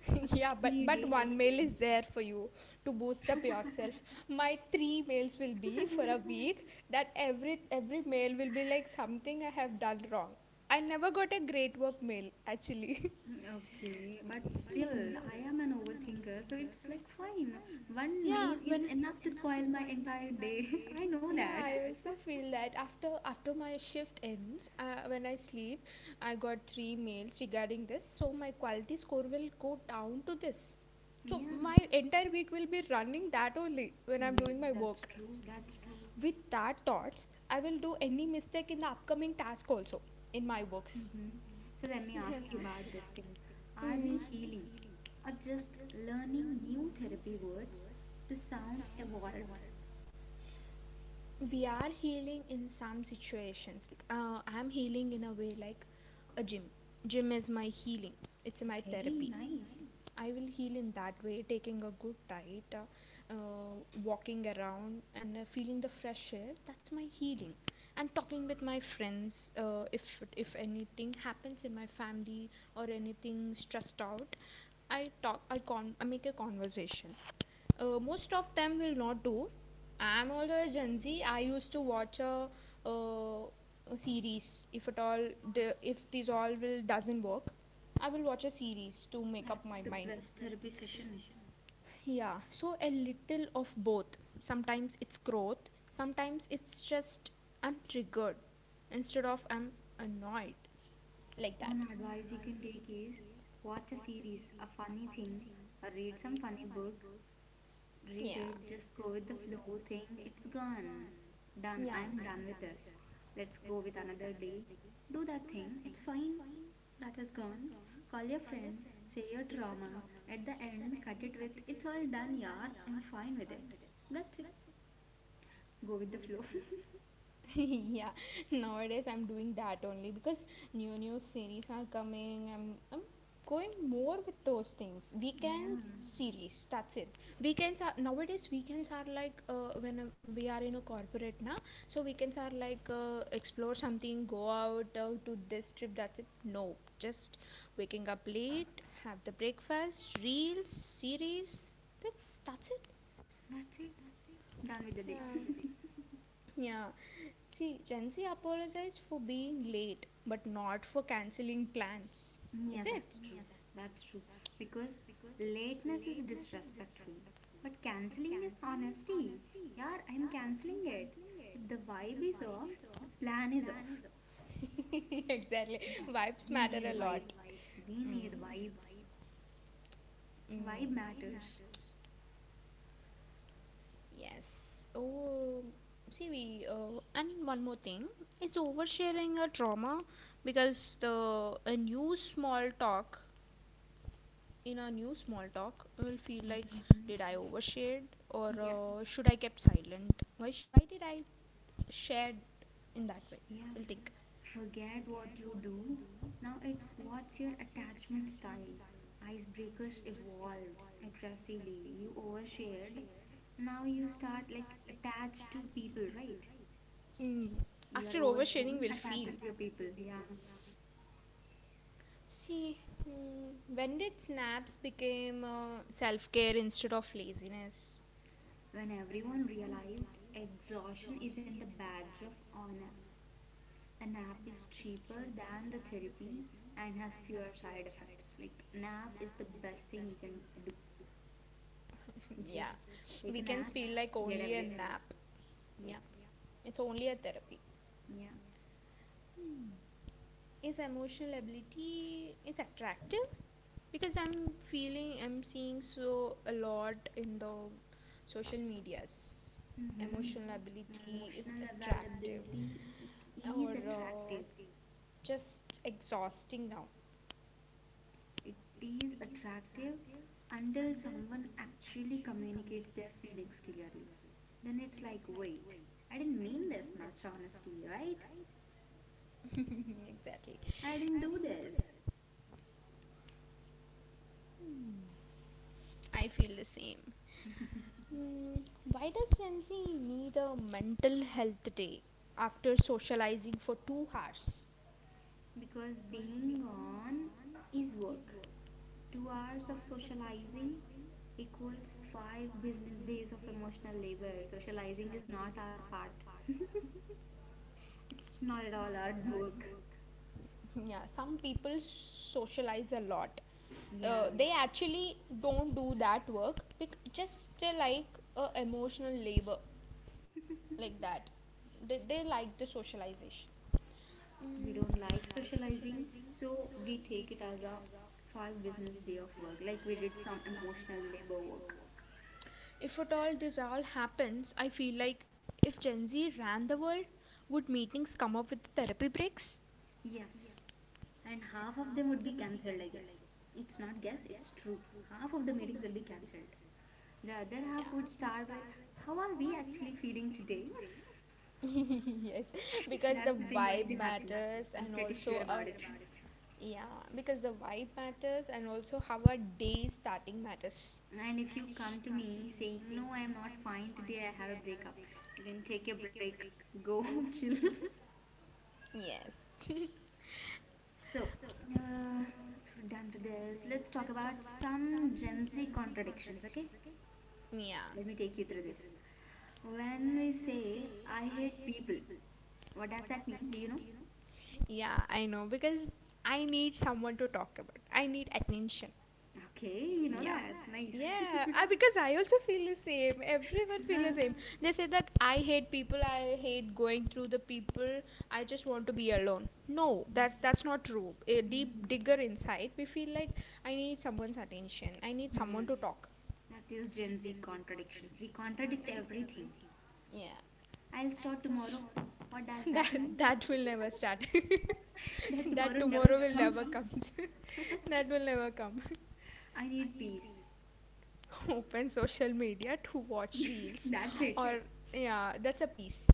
S1: Yeah,
S2: Successfully,
S1: but
S2: your day is
S1: one mail
S2: ruined.
S1: is there for you to boost up yourself. My three mails will be for a week, that every mail will be like something I have done wrong. I never got a great work mail actually.
S2: Okay, but still,
S1: Hmm.
S2: I am an overthinker, so it's like fine. One
S1: Yeah,
S2: mail is
S1: when
S2: enough to spoil my entire day. I know
S1: yeah,
S2: that.
S1: I also feel that after my shift ends, when I sleep, I got 3 mails regarding this, so my quality score will go down to this. So
S2: Yeah.
S1: my entire week will be running that only when I'm
S2: Yes,
S1: doing my
S2: that's
S1: work.
S2: true. That's true.
S1: With that thoughts, I will do any mistake in the upcoming task also in my works.
S2: Hmm. So let me
S1: Yeah.
S2: ask you about this thing. Are we
S1: Mm.
S2: healing or just learning new therapy words to sound evolved?
S1: We are healing in some situations. Like, I'm healing in a way like a gym gym is my healing, it's my
S2: Okay,
S1: therapy.
S2: nice.
S1: I will heal in that way taking a good diet, walking around and feeling the fresh air, that's my healing, and talking with my friends. If if anything happens in my family or anything stressed out, I make a conversation. Most of them will not do. I'm also a Gen Z. I used to watch uh, a series. If at all, if these all will doesn't work, I will watch a series to make up
S2: That's
S1: my
S2: the
S1: mind.
S2: best therapy session.
S1: Yeah, so a little of both. Sometimes it's growth, sometimes it's just I'm triggered instead of I'm annoyed. Like that.
S2: One advice you can take is watch a series, a funny thing, or read some funny book, read
S1: Yeah.
S2: it, just go with the flow thing. It's gone. Done. I
S1: Yeah.
S2: am done with this. Let's go with another day. Do that thing. It's fine. That is gone. Call your friend, say your drama. At the end, cut it with it's all done, yaar. I'm fine with it. That's it. Go with the flow.
S1: Yeah, nowadays I'm doing that only because new series are coming. I'm going more with those things,
S2: Yeah.
S1: weekends, series, that's it. Weekends are, nowadays weekends are like, when we are in a corporate now, so weekends are like, explore something, go out to this trip, that's it. No, just waking up late, have the breakfast, reels, series, that's it.
S2: That's it. Done with the day.
S1: Yeah, yeah. See, Gen Z apologized for being late, but not for cancelling plans.
S2: Yeah,
S1: Is it?
S2: that's true. That's true. Because lateness is disrespectful. But cancelling is honesty. Yeah, I'm cancelling it. If the vibe is off, the plan is off.
S1: Exactly.
S2: Yeah,
S1: Vibes
S2: we
S1: matter a
S2: need
S1: lot.
S2: vibe. We
S1: Vibe.
S2: need vibe.
S1: Mm,
S2: Vibe
S1: mm,
S2: matters.
S1: yes. Oh, see, we. And one more thing is oversharing a trauma, because the a new small talk in our new small talk will feel like,
S2: Mhm.
S1: did I overshared or
S2: Yeah.
S1: should I kept silent? Why did I shared in that way? We'll
S2: Yes,
S1: think.
S2: forget what you do. Now it's what's your attachment style. Icebreakers evolved aggressively. You overshared. Now you start like attached to people, right?
S1: Mm.
S2: Your
S1: After oversharing,
S2: oversharing
S1: we'll feel.
S2: attaches your people. Yeah.
S1: See, mm, when did snaps became self care instead of laziness?
S2: When everyone realized exhaustion isn't a badge of honor, a nap is cheaper than the therapy and has fewer side effects. Like, nap is the best thing you can do.
S1: Yeah,
S2: Just take a
S1: weekends
S2: nap,
S1: feel like
S2: get
S1: only a
S2: everything.
S1: nap. Yeah,
S2: Yeah,
S1: it's only a therapy.
S2: yeah.
S1: Hmm. Is emotional ability is attractive? Because I'm seeing so a lot in the social medias.
S2: Mm-hmm.
S1: Emotional ability is
S2: Emotional
S1: attractive,
S2: availability, it
S1: or
S2: is attractive.
S1: just exhausting now?
S2: It is attractive until someone actually communicates their feelings clearly. Then it's like, wait, I didn't mean this much honesty, right?
S1: Exactly,
S2: I didn't do this.
S1: I feel the same. mm, why does Gen Z need a mental health day after socializing for 2 hours?
S2: Because being on is work. 2 hours of socializing equals five business days of emotional labor. Socializing is not our part, it's not at all our work.
S1: Yeah, some people socialize a lot.
S2: Yeah,
S1: They actually don't do that work, just they like emotional labor, like that. They like the socialization.
S2: we
S1: mm,
S2: don't like socializing, so we take it as a five business day of work, like we did some emotional labor work.
S1: if at all this all happens, I feel like if Gen Z ran the world, would meetings come up with therapy breaks?
S2: Yes, and half of them would be cancelled, I guess. It's not guess, it's true. Half of the meetings will be cancelled. The other half would start with, how are we actually
S1: Yeah.
S2: feeling today?
S1: Yes, because
S2: That's
S1: the That's
S2: the thing
S1: how
S2: going
S1: you vibe know if
S2: to
S1: you're
S2: happen.
S1: matters
S2: I'm
S1: and
S2: pretty
S1: also really
S2: sure
S1: sure
S2: about it.
S1: about it. Yeah, because the vibe matters and also how our day starting matters.
S2: And if you come to me saying, no, I'm not fine today, I have a breakup, then take a break, go chill.
S1: Yes.
S2: So, uh, we're done with this. Let's talk about some Gen Z contradictions, okay?
S1: Yeah.
S2: Let me take you through this. When we say, I hate people, what does that mean? Do you know?
S1: Yeah, I know, because I need someone to talk about. I need attention.
S2: Okay, you know that. Nice.
S1: Yeah, because I also feel the same. Everyone feel the
S2: Yeah.
S1: same. They say that I hate people. I hate going through the people. I just want to be alone. No, that's not true. A deep digger inside, we feel like I need someone's attention. I need
S2: Yeah.
S1: someone to talk.
S2: That is Gen Z contradictions. We contradict everything.
S1: Yeah.
S2: I'll start tomorrow. What does that
S1: that
S2: mean?
S1: that will never start.
S2: That
S1: That
S2: tomorrow never
S1: tomorrow will never
S2: comes.
S1: come. That will never come.
S2: I need peace.
S1: Open social media to watch reels,
S2: That's it.
S1: or yeah, that's a piece.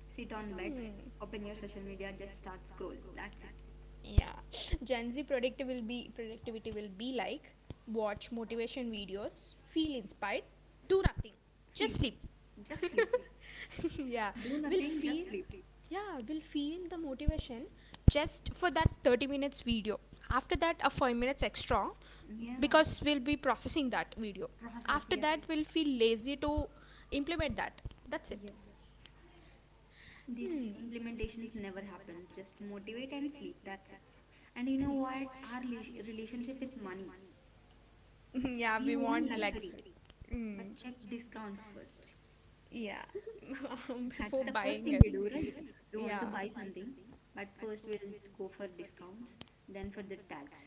S2: Sit on bed, open your social media, just start scroll. That's it.
S1: Hmm. Yeah. Gen Z productive will be productivity will be like watch motivation videos, feel inspired, do nothing, just
S2: Sleep.
S1: sleep.
S2: Just sleep.
S1: Yeah.
S2: Do
S1: We'll
S2: nothing, just
S1: feel
S2: sleep.
S1: yeah, we'll feel the motivation just for that 30 minutes video. After that a 5 minutes extra,
S2: Yeah.
S1: because we'll be processing that video.
S2: Process,
S1: After that
S2: yes.
S1: we'll feel lazy to implement that. That's it.
S2: Yes. These implementations never happen. Just motivate and sleep. That's it. And you know what? Our relationship with money.
S1: It. Yeah,
S2: We want
S1: like.
S2: luxury,
S1: That.
S2: but check discounts first.
S1: First. Yeah.
S2: That's the first thing we do, right? We want to buy something, but first we'll go for discounts, then for the tax.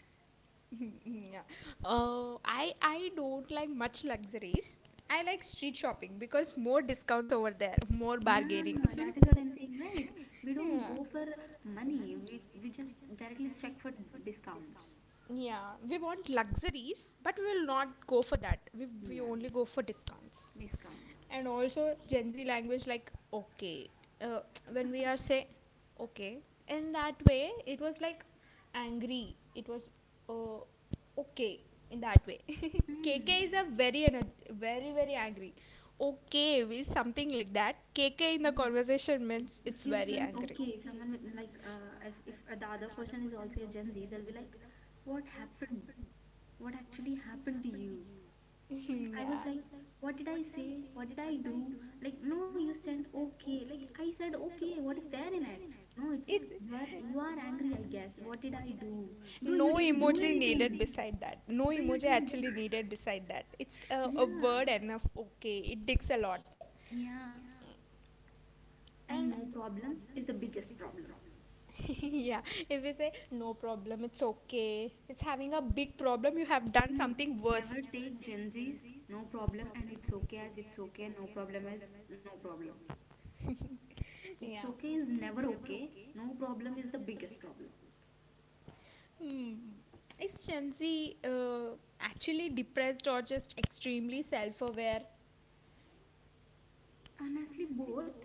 S1: Fix. Yeah. I don't like much luxuries. I like street shopping because more discounts over there, more.
S2: Yeah, that is what I'm saying, right? We don't go for money. We just directly check for discounts.
S1: Yeah, we want luxuries, but we will not go for that. We
S2: Yeah,
S1: only go for discounts.
S2: discounts.
S1: And also, Gen Z language, like, okay. Uh, when we are say, okay, in that way, it was like angry. It was, uh, okay, in that way.
S2: Hmm.
S1: KK is a very, very, very angry. Okay, is something like that. KK in the conversation means
S2: If
S1: it's
S2: you
S1: very
S2: send
S1: angry.
S2: okay, someone will, like if the other person is also a Gen Z, they'll be like, "What happened? What actually happened to you?" Like, I was
S1: Yeah.
S2: like, what did I say, what did I do? Like, no, you said okay. Like, I said okay, what is there in it? No, it's
S1: It's
S2: you are, you are angry, I guess. What did I do? Bro,
S1: no
S2: you didn't do
S1: emoji needed
S2: anything.
S1: beside that. No
S2: Bro, you
S1: emoji
S2: didn't
S1: actually
S2: do.
S1: needed beside that. It's a
S2: Yeah.
S1: word enough. Okay, it digs a lot.
S2: Yeah. And no
S1: And
S2: problem is the biggest problem.
S1: yeah, if we say no problem, it's okay. It's having a big problem. You have done
S2: Hmm.
S1: something
S2: Never
S1: worse.
S2: take Gen Z's no problem and it's okay as it's okay, no problem as no problem. It's
S1: Yeah.
S2: okay is never okay. No problem is the biggest problem.
S1: Hmm. Is Gen Z actually depressed or just extremely self aware?
S2: Honestly, both.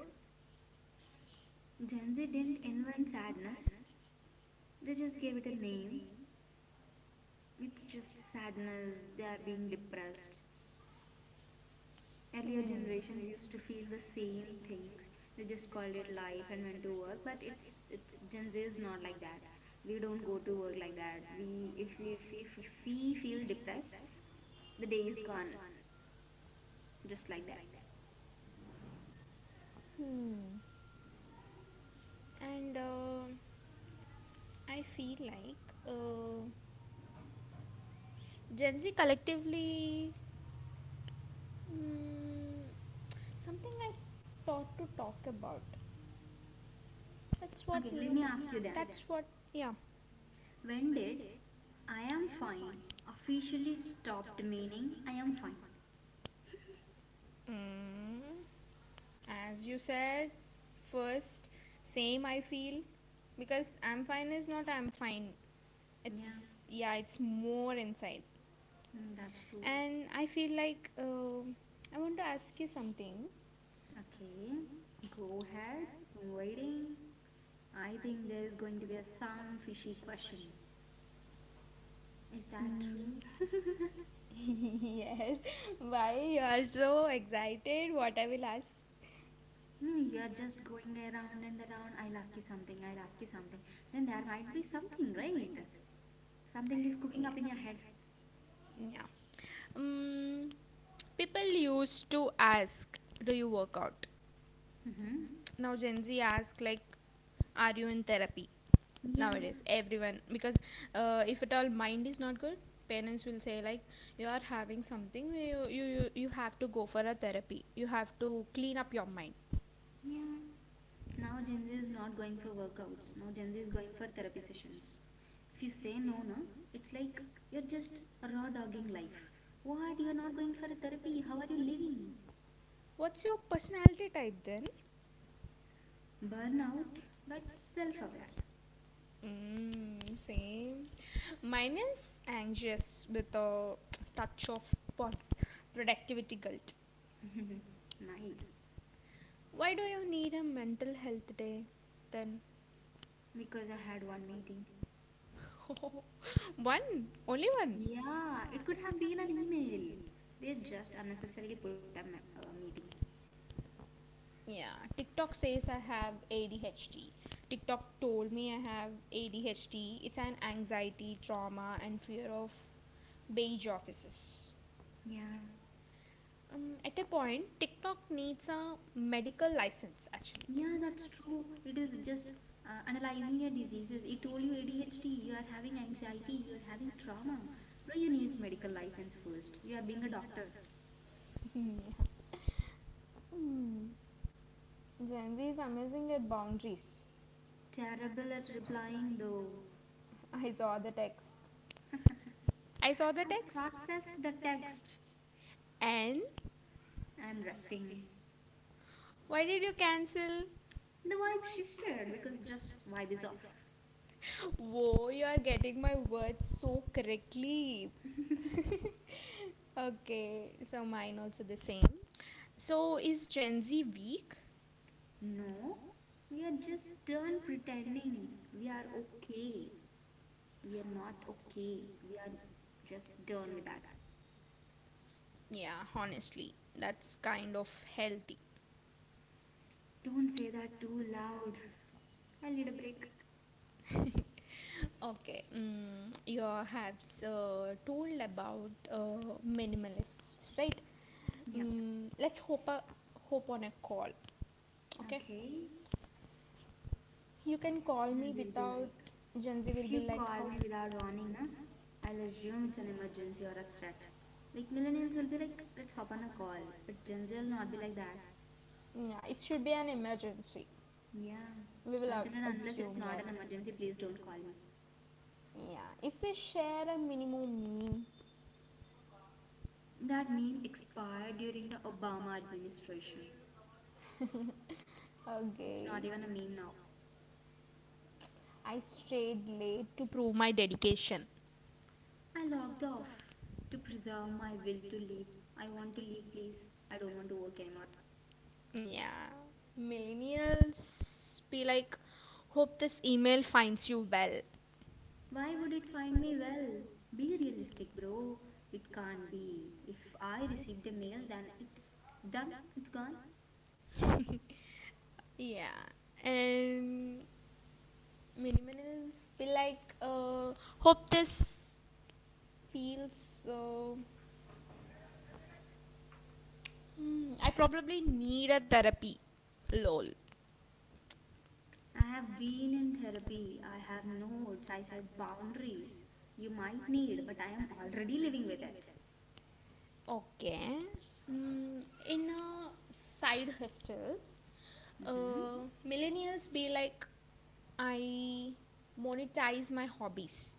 S2: Gen Z didn't invent sadness, they just gave it a name. It's just sadness, they are being depressed. Earlier generations used to feel the same things. They just called it life and went to work, but it's Gen Z is not like that. We don't go to work like that. If we feel depressed, the day is gone, just like that.
S1: Hmm. And I feel like uh, Gen Z collectively, mm, something I thought to talk about. That's what
S2: Okay,
S1: we
S2: let
S1: were.
S2: me ask you then.
S1: That's what. Yeah.
S2: When did I am fine officially stopped meaning I am fine?
S1: Mm, as you said first, same I feel, because I'm fine is not I'm fine. It's
S2: Yeah.
S1: yeah, it's more inside.
S2: Mm, that's true.
S1: And I feel like I want to ask you something.
S2: Okay, go ahead. I'm waiting. I think there is going to be a some fishy question. Is that true?
S1: Yes, why you are so excited what I will ask?
S2: No, you are just going around and around. I'll ask you something. I'll ask you something. Then there might be something, right? Something is cooking up in your
S1: Yeah.
S2: head.
S1: Yeah, um, people used to ask, do you work out?
S2: Mm-hmm.
S1: Now Gen Z ask like, are you in therapy?
S2: Yeah.
S1: Nowadays everyone, because if at all mind is not good, parents will say like, you are having something, you have to go for a therapy, you have to clean up your mind.
S2: Yeah. Now Gen Z is not going for workouts. Now Gen Z is going for therapy sessions. If you say no, no, it's like you're just raw dogging life. What? You're not going for a therapy? How are you living?
S1: What's your personality type then?
S2: Burnout, but self-aware.
S1: Same. Mine is anxious with a touch of pos- productivity guilt.
S2: Nice.
S1: Why do you need a mental health day then?
S2: Because I had one meeting.
S1: One, only one.
S2: Yeah, it could have been an email. They just unnecessarily put a meeting.
S1: Yeah, TikTok says I have ADHD. TikTok told me I have ADHD. It's an anxiety, trauma, and fear of beige offices.
S2: Yeah.
S1: At a point, TikTok needs a medical license actually.
S2: Yeah, that's true. It is just analyzing your diseases. It told you ADHD, you are having anxiety, you are having trauma. Bro, you needs medical license first. You are being a doctor.
S1: Hmm. Yeah. Hmm. Gen Z is amazing at boundaries.
S2: Terrible at replying though.
S1: I saw the text. I saw the
S2: I
S1: text.
S2: processed the text.
S1: And
S2: I'm resting.
S1: why did you cancel?
S2: The vibe shifted because just vibe is off.
S1: Whoa, you are getting my words so correctly. Okay, so mine also the same. So is Gen Z weak?
S2: No, we are just done pretending. We are okay. We are not okay. We are just done with that.
S1: Yeah, honestly, that's kind of healthy.
S2: Don't say that too loud. I need a break.
S1: Okay, you have told about minimalist, right?
S2: Yeah.
S1: Mm, let's hope on a call. Okay,
S2: Okay.
S1: you can call me
S2: Junji will be
S1: without.
S2: like,
S1: Gen Z will
S2: if you
S1: be like,
S2: call
S1: how.
S2: me without warning, na, I'll assume it's an emergency or a threat. Like millennials will be like, let's hop on a call, but Gen Z will not be like that.
S1: Yeah, it should be an emergency.
S2: Yeah.
S1: We will
S2: Until and unless it's
S1: assume
S2: not
S1: that.
S2: an emergency, please don't call me.
S1: Yeah, if we share a minimum meme.
S2: That meme expired during the Obama administration. It's not
S1: Okay,
S2: even a meme now.
S1: I stayed late to prove my dedication.
S2: I logged off to preserve my will to leave. I want to leave, please. I don't want to work anymore.
S1: Yeah, millennials be like, hope this email finds you well.
S2: Why would it find me well? Be realistic, bro. It can't be. If I receive the mail, then it's done. It's gone.
S1: Yeah. And millennials be like, hope this feels so. Hmm, I probably need a therapy, lol.
S2: I have been in therapy. I have no notes. I set boundaries. You might need, but I am already living with it.
S1: Okay. Mm, in side hustles,
S2: Hmm.
S1: millennials be like, I monetize my hobbies.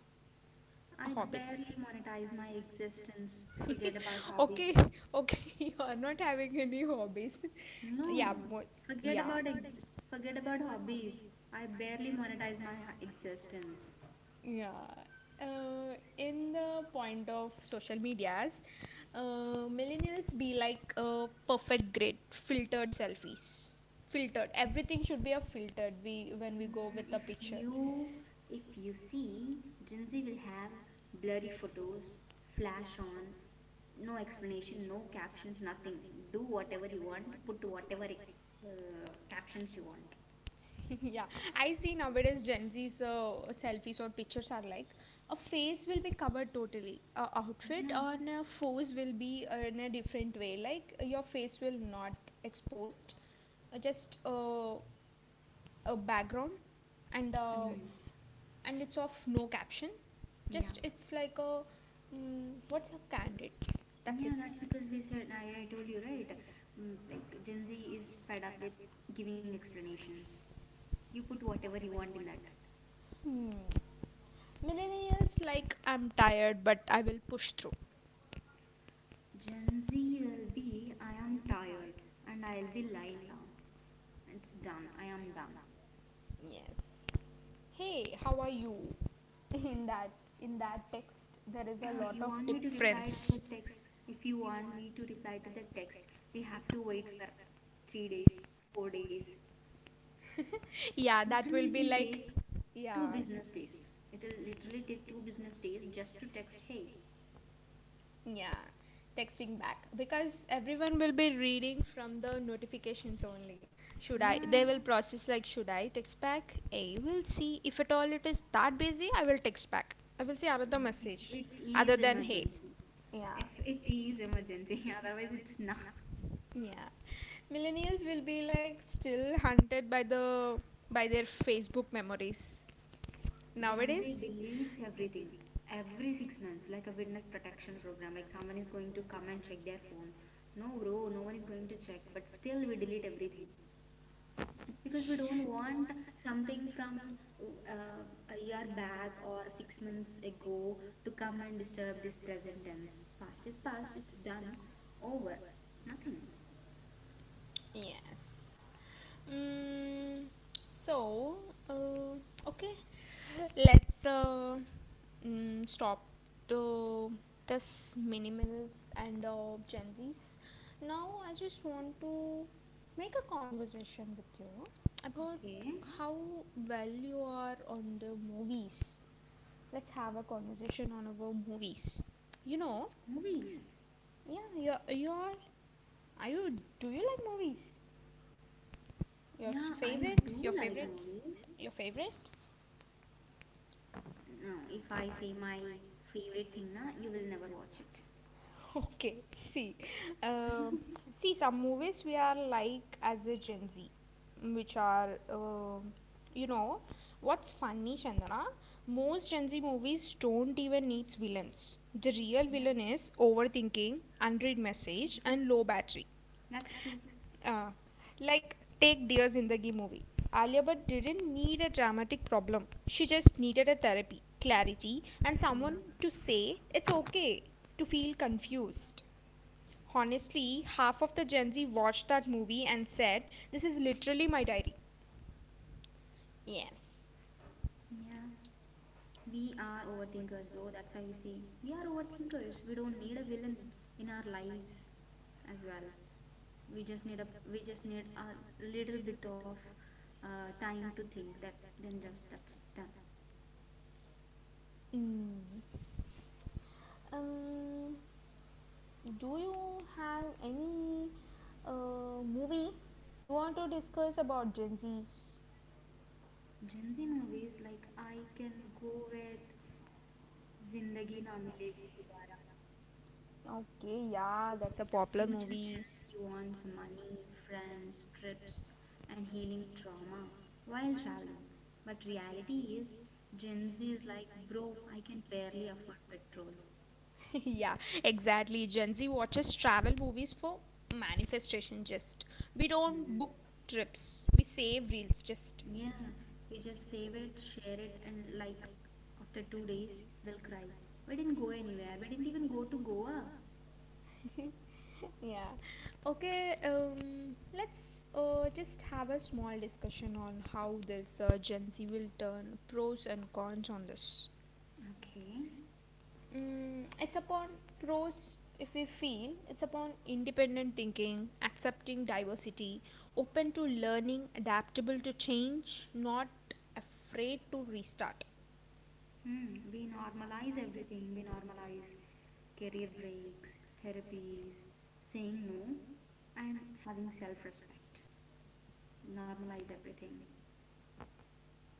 S2: I
S1: Hobbies.
S2: barely monetize my existence. Forget about
S1: Okay,
S2: hobbies.
S1: okay, you are not having any hobbies. Yeah,
S2: No,
S1: most,
S2: forget
S1: yeah.
S2: about ex- forget about hobbies. I barely monetize my existence.
S1: Yeah. In the point of social medias, millennials be like a perfect grid, filtered selfies. Filtered. Everything should be a filtered when we
S2: Mm,
S1: go with the
S2: if
S1: picture.
S2: you if you see, Gen Z will have blurry photos, flash on, no explanation, no captions, nothing. Do whatever you want, put whatever captions you want.
S1: Yeah. I see nowadays Gen Z's selfies or pictures are like, a face will be covered totally. A outfit
S2: Yeah.
S1: on a pose will be in a different way. Like your face will not exposed, just a background and uh,
S2: Hmm.
S1: and it's of no caption,
S2: Yeah.
S1: just it's like a what's a candid, that's it.
S2: Yeah, that's because we said I told you, right. Mm, like Gen Z is fed up with giving explanations. You put whatever you want in that.
S1: Hmm. Millennials like, I'm tired but I will push through.
S2: Gen Z will be, I am tired and I'll be lying down. It's done. I am done.
S1: Yes. Hey, how are you? in that in that text there is a
S2: Uh,
S1: lot
S2: You
S1: of
S2: want me to reply to the
S1: difference.
S2: text? If you want me to reply to the text, we have to wait for 3 days, 4 days.
S1: Yeah, that
S2: Literally,
S1: will
S2: it
S1: be
S2: will
S1: like,
S2: take two
S1: yeah,
S2: business days. It will literally take two business days just to text, hey.
S1: yeah, texting back because everyone will be reading from the notifications only. Should I? They
S2: Yeah,
S1: will process like, should I text back? I will see if at all it is that busy. I will text back. I will see another
S2: yeah. If
S1: message
S2: it
S1: other
S2: is
S1: than hey.
S2: emergency.
S1: Yeah.
S2: If it is emergency, otherwise it's not.
S1: Yeah. Millennials will be like still hunted by the by their Facebook memories.
S2: Gen Z
S1: Nowadays,
S2: deletes everything every 6 months, like a witness protection program. Like someone is going to come and check their phone. No, bro, no one is going to check, but still we delete everything because we don't want something from uh, a year back or 6 months ago to come and disturb this present tense. Past is past, it's done, over, nothing.
S1: yes. Mm, so, uh, okay, let's stop to this minimals and Gen Zs. Now, I just want to make a conversation with you about
S2: Okay,
S1: how well you are on the movies. Let's have a conversation on about movies. You know,
S2: movies.
S1: yeah, do you like movies? Your
S2: Yeah, I
S1: favorite, your
S2: do like
S1: favorite
S2: movies.
S1: Your favorite?
S2: No, if I say my favorite thing, na, you will never watch it.
S1: Okay, see, um, see some movies we are like as a Gen Z, which are, you know, what's funny, Chandana? Most Gen Z movies don't even need villains. The real
S2: Yeah.
S1: villain is overthinking, unread message, and low battery.
S2: That's true.
S1: Uh, like, take Dears in the Ghee movie. Alia Bhatt didn't need a dramatic problem. She just needed a therapy, clarity, and
S2: Yeah.
S1: someone to say it's okay to feel confused. Honestly, half of the Gen Z watched that movie and said, "This is literally my diary." Yes.
S2: Yeah. We are overthinkers, bro. That's why we say we are overthinkers. We don't need a villain in our lives as well. We just need a little bit of time to think that, then just that's done.
S1: Mm. Um, do you have any movie you want to discuss about Gen Zs?
S2: Gen Z movies, like I can go with Zindagi Na Milegi Dobara.
S1: Okay, yeah, that's a
S2: The
S1: popular
S2: future
S1: movie.
S2: Gen Z wants money, friends, trips, and healing trauma while traveling. But reality is, Gen Z is like, bro, I can barely afford petrol.
S1: Yeah, exactly. Gen Z watches travel movies for manifestation just. We don't
S2: Hmm.
S1: book trips. We save reels just.
S2: Yeah, we just save it, share it, and like after 2 days, we'll cry. We didn't go anywhere. We didn't even go to Goa.
S1: Yeah. Okay, let's just have a small discussion on how this Gen Z will turn pros and cons on this.
S2: Okay.
S1: Mm, it's upon pros, if we feel it's upon independent thinking, accepting diversity, open to learning, adaptable to change, not afraid to restart.
S2: Hmm, we normalize everything. We normalize career breaks, therapies, saying no, and having self respect. Normalize everything.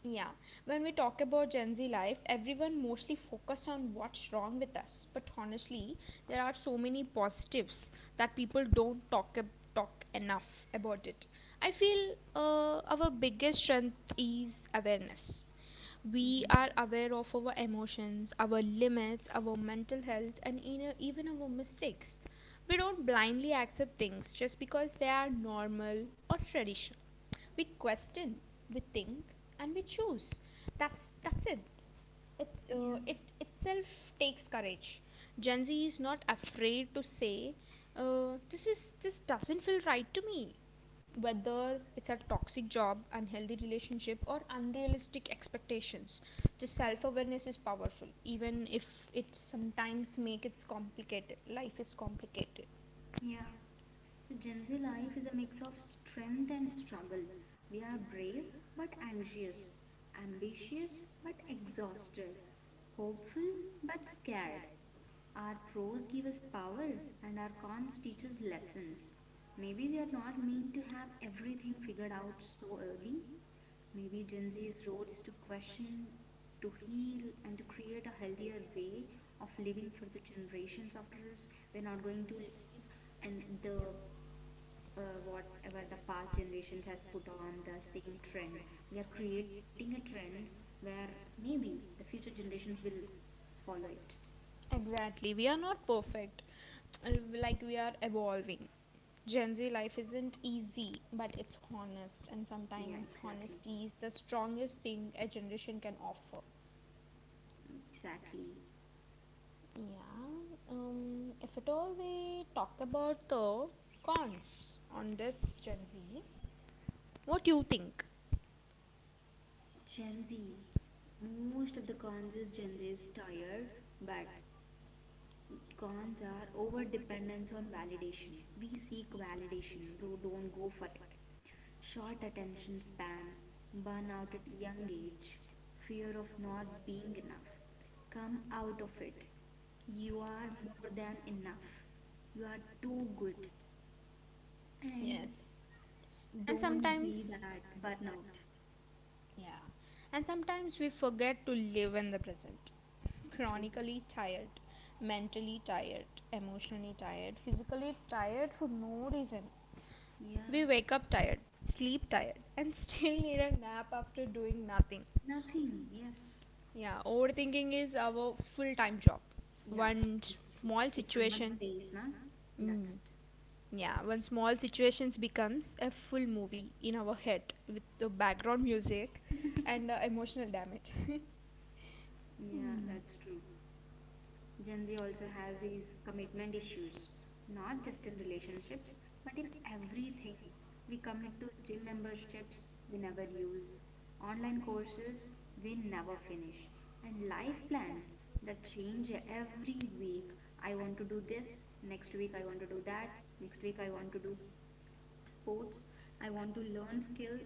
S1: Yeah, when we talk about Gen Z life, everyone mostly focus on what's wrong with us. But honestly, there are so many positives that people don't talk enough about it. I feel our biggest strength is awareness. We
S2: Mm-hmm.
S1: are aware of our emotions, our limits, our mental health, and even our mistakes. We don't blindly accept things just because they are normal or traditional. We question, we think, and we choose. That's it. It
S2: Yeah,
S1: uh, it itself takes courage. Gen Z is not afraid to say, "This doesn't feel right to me," whether it's a toxic job, unhealthy relationship, or unrealistic expectations. The self awareness is powerful, even if it sometimes makes it complicated. Life is complicated.
S2: yeah. The Gen Z life is a mix of strength and struggle. We are brave but anxious, ambitious but exhausted, hopeful but scared. Our pros give us power and our cons teach us lessons. Maybe we are not meant to have everything figured out so early. Maybe Gen Z's role is to question, to heal, and to create a healthier way of living for the generations after us. We're not going to leave and the whatever the past generations has put on the same trend, we are creating a trend where maybe the future generations will follow it.
S1: Exactly. We are not perfect. Like we are evolving. Gen Z life isn't easy, but it's honest, and
S2: Yeah,
S1: sometimes
S2: exactly,
S1: honesty is the strongest thing a generation can offer.
S2: exactly.
S1: Yeah. If at all we talk about the cons on this Gen Z, what do you think?
S2: Gen Z, most of the cons is Gen Z is tired, but cons are over dependence on validation. We seek validation, bro, don't go for it. Short attention span, burnout at young age, fear of not being enough. Come out of it. You are more than enough. You are too good. And
S1: Yes. And
S2: don't be
S1: sometimes,
S2: that burnout.
S1: yeah. And sometimes we forget to live in the present.
S2: True.
S1: Chronically tired, mentally tired, emotionally tired, physically tired for no reason.
S2: Yeah.
S1: We wake up tired, sleep tired, and still need a nap after doing nothing.
S2: Nothing. Yes.
S1: Yeah, overthinking is our full time job.
S2: Yeah,
S1: One
S2: that's true.
S1: small
S2: If someone
S1: situation,
S2: pays, na,
S1: mm,
S2: that's it.
S1: yeah, one small situations becomes a full movie in our head with the background music and the emotional damage.
S2: Yeah, that's true. Gen Z also has these commitment issues, not just in relationships, but in everything. We commit to gym memberships we never use, online courses we never finish, and life plans that change every week. I want to do this, next week I want to do that, next week I want to do sports, I want to learn skill,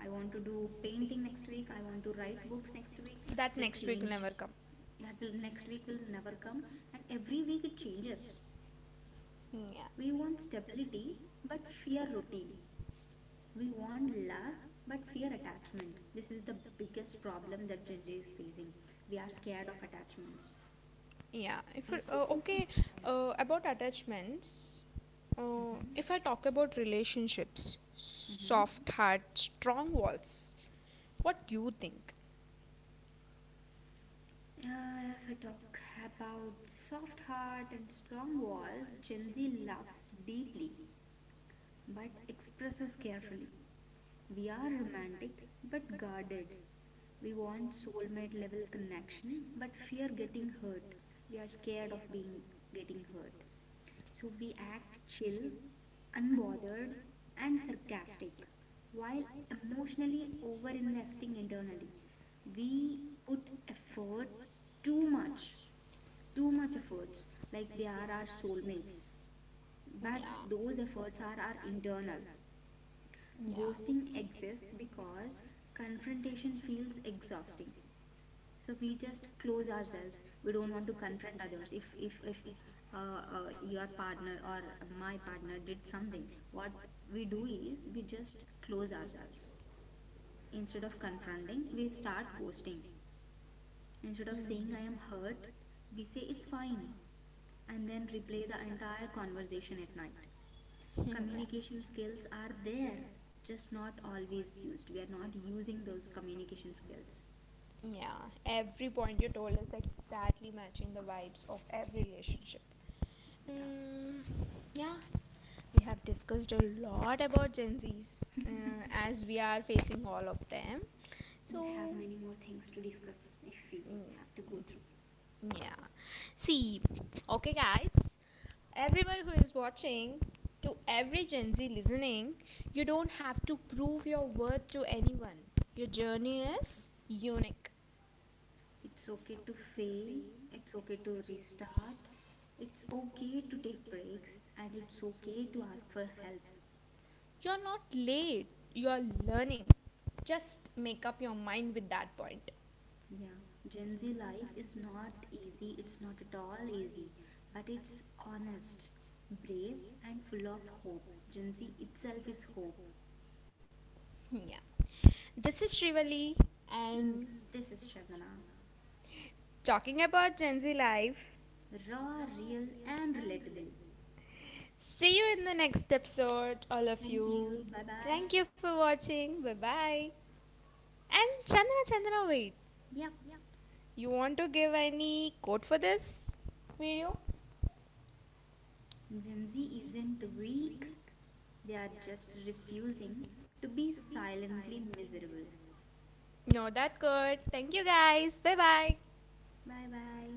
S2: I want to do painting next week, I want to write books next week.
S1: That
S2: It'll
S1: next week will
S2: change.
S1: never come.
S2: That will next week will never come, and every week it changes.
S1: Mm.
S2: We
S1: Yeah.
S2: want stability but fear routine, we want love but fear attachment. This is the biggest problem that Gen Z is facing. We are scared of attachments,
S1: Yeah, if
S2: we
S1: it-
S2: want
S1: okay,
S2: independence.
S1: about attachments,
S2: Hmm.
S1: if I talk about relationships, soft heart, strong walls, what do you think?
S2: If I talk about soft heart and strong walls, Gen Z loves deeply but expresses carefully. We are romantic but guarded. We want soulmate level connection but fear getting hurt. We are scared of being getting hurt. So we act chill, unbothered and sarcastic while emotionally over investing internally. We put efforts too much efforts, like they are our soulmates. But
S1: Yeah,
S2: those efforts are our internal.
S1: yeah.
S2: Ghosting exists because confrontation feels exhausting. So we just close ourselves. We don't want to confront others. If your partner or my partner did something, what we do is we just close ourselves. Instead of confronting, we start ghosting. Instead of saying I am hurt, we say it's fine and then replay the entire conversation at night. Communication skills are there, just not always used. We are not using those communication skills.
S1: Yeah, every point you told is exactly matching the vibes of every relationship.
S2: Yeah,
S1: Mm, yeah, we have discussed a lot about Gen Zs as we are facing all of them.
S2: we'll have
S1: So,
S2: many more things to discuss if we
S1: mm,
S2: have to go through.
S1: yeah. See, okay, guys, everyone who is watching, to every Gen Z listening, you don't have to prove your worth to anyone. Your journey is unique.
S2: It's okay to fail, it's okay to restart, it's okay to take breaks, and it's okay to ask for help.
S1: You're not late, you're learning. Just make up your mind with that point.
S2: Yeah, Gen Z life is not easy, it's not at all easy, but it's honest, brave, and full of hope. Gen Z itself is hope.
S1: Yeah. This is Shrivali,
S2: Mm,
S1: and
S2: this is Chandana.
S1: talking about Gen Z life.
S2: Raw, real, and relatable.
S1: See you in the next episode, all of
S2: Thank
S1: you.
S2: you. Bye bye.
S1: Thank you for watching. Bye bye. And Chandra, Chandra, wait.
S2: Yep.
S1: You want to give any quote for this video?
S2: Gen Z isn't weak. They are just refusing to be silently miserable.
S1: No, that good. Thank you guys. Bye bye.
S2: Bye bye.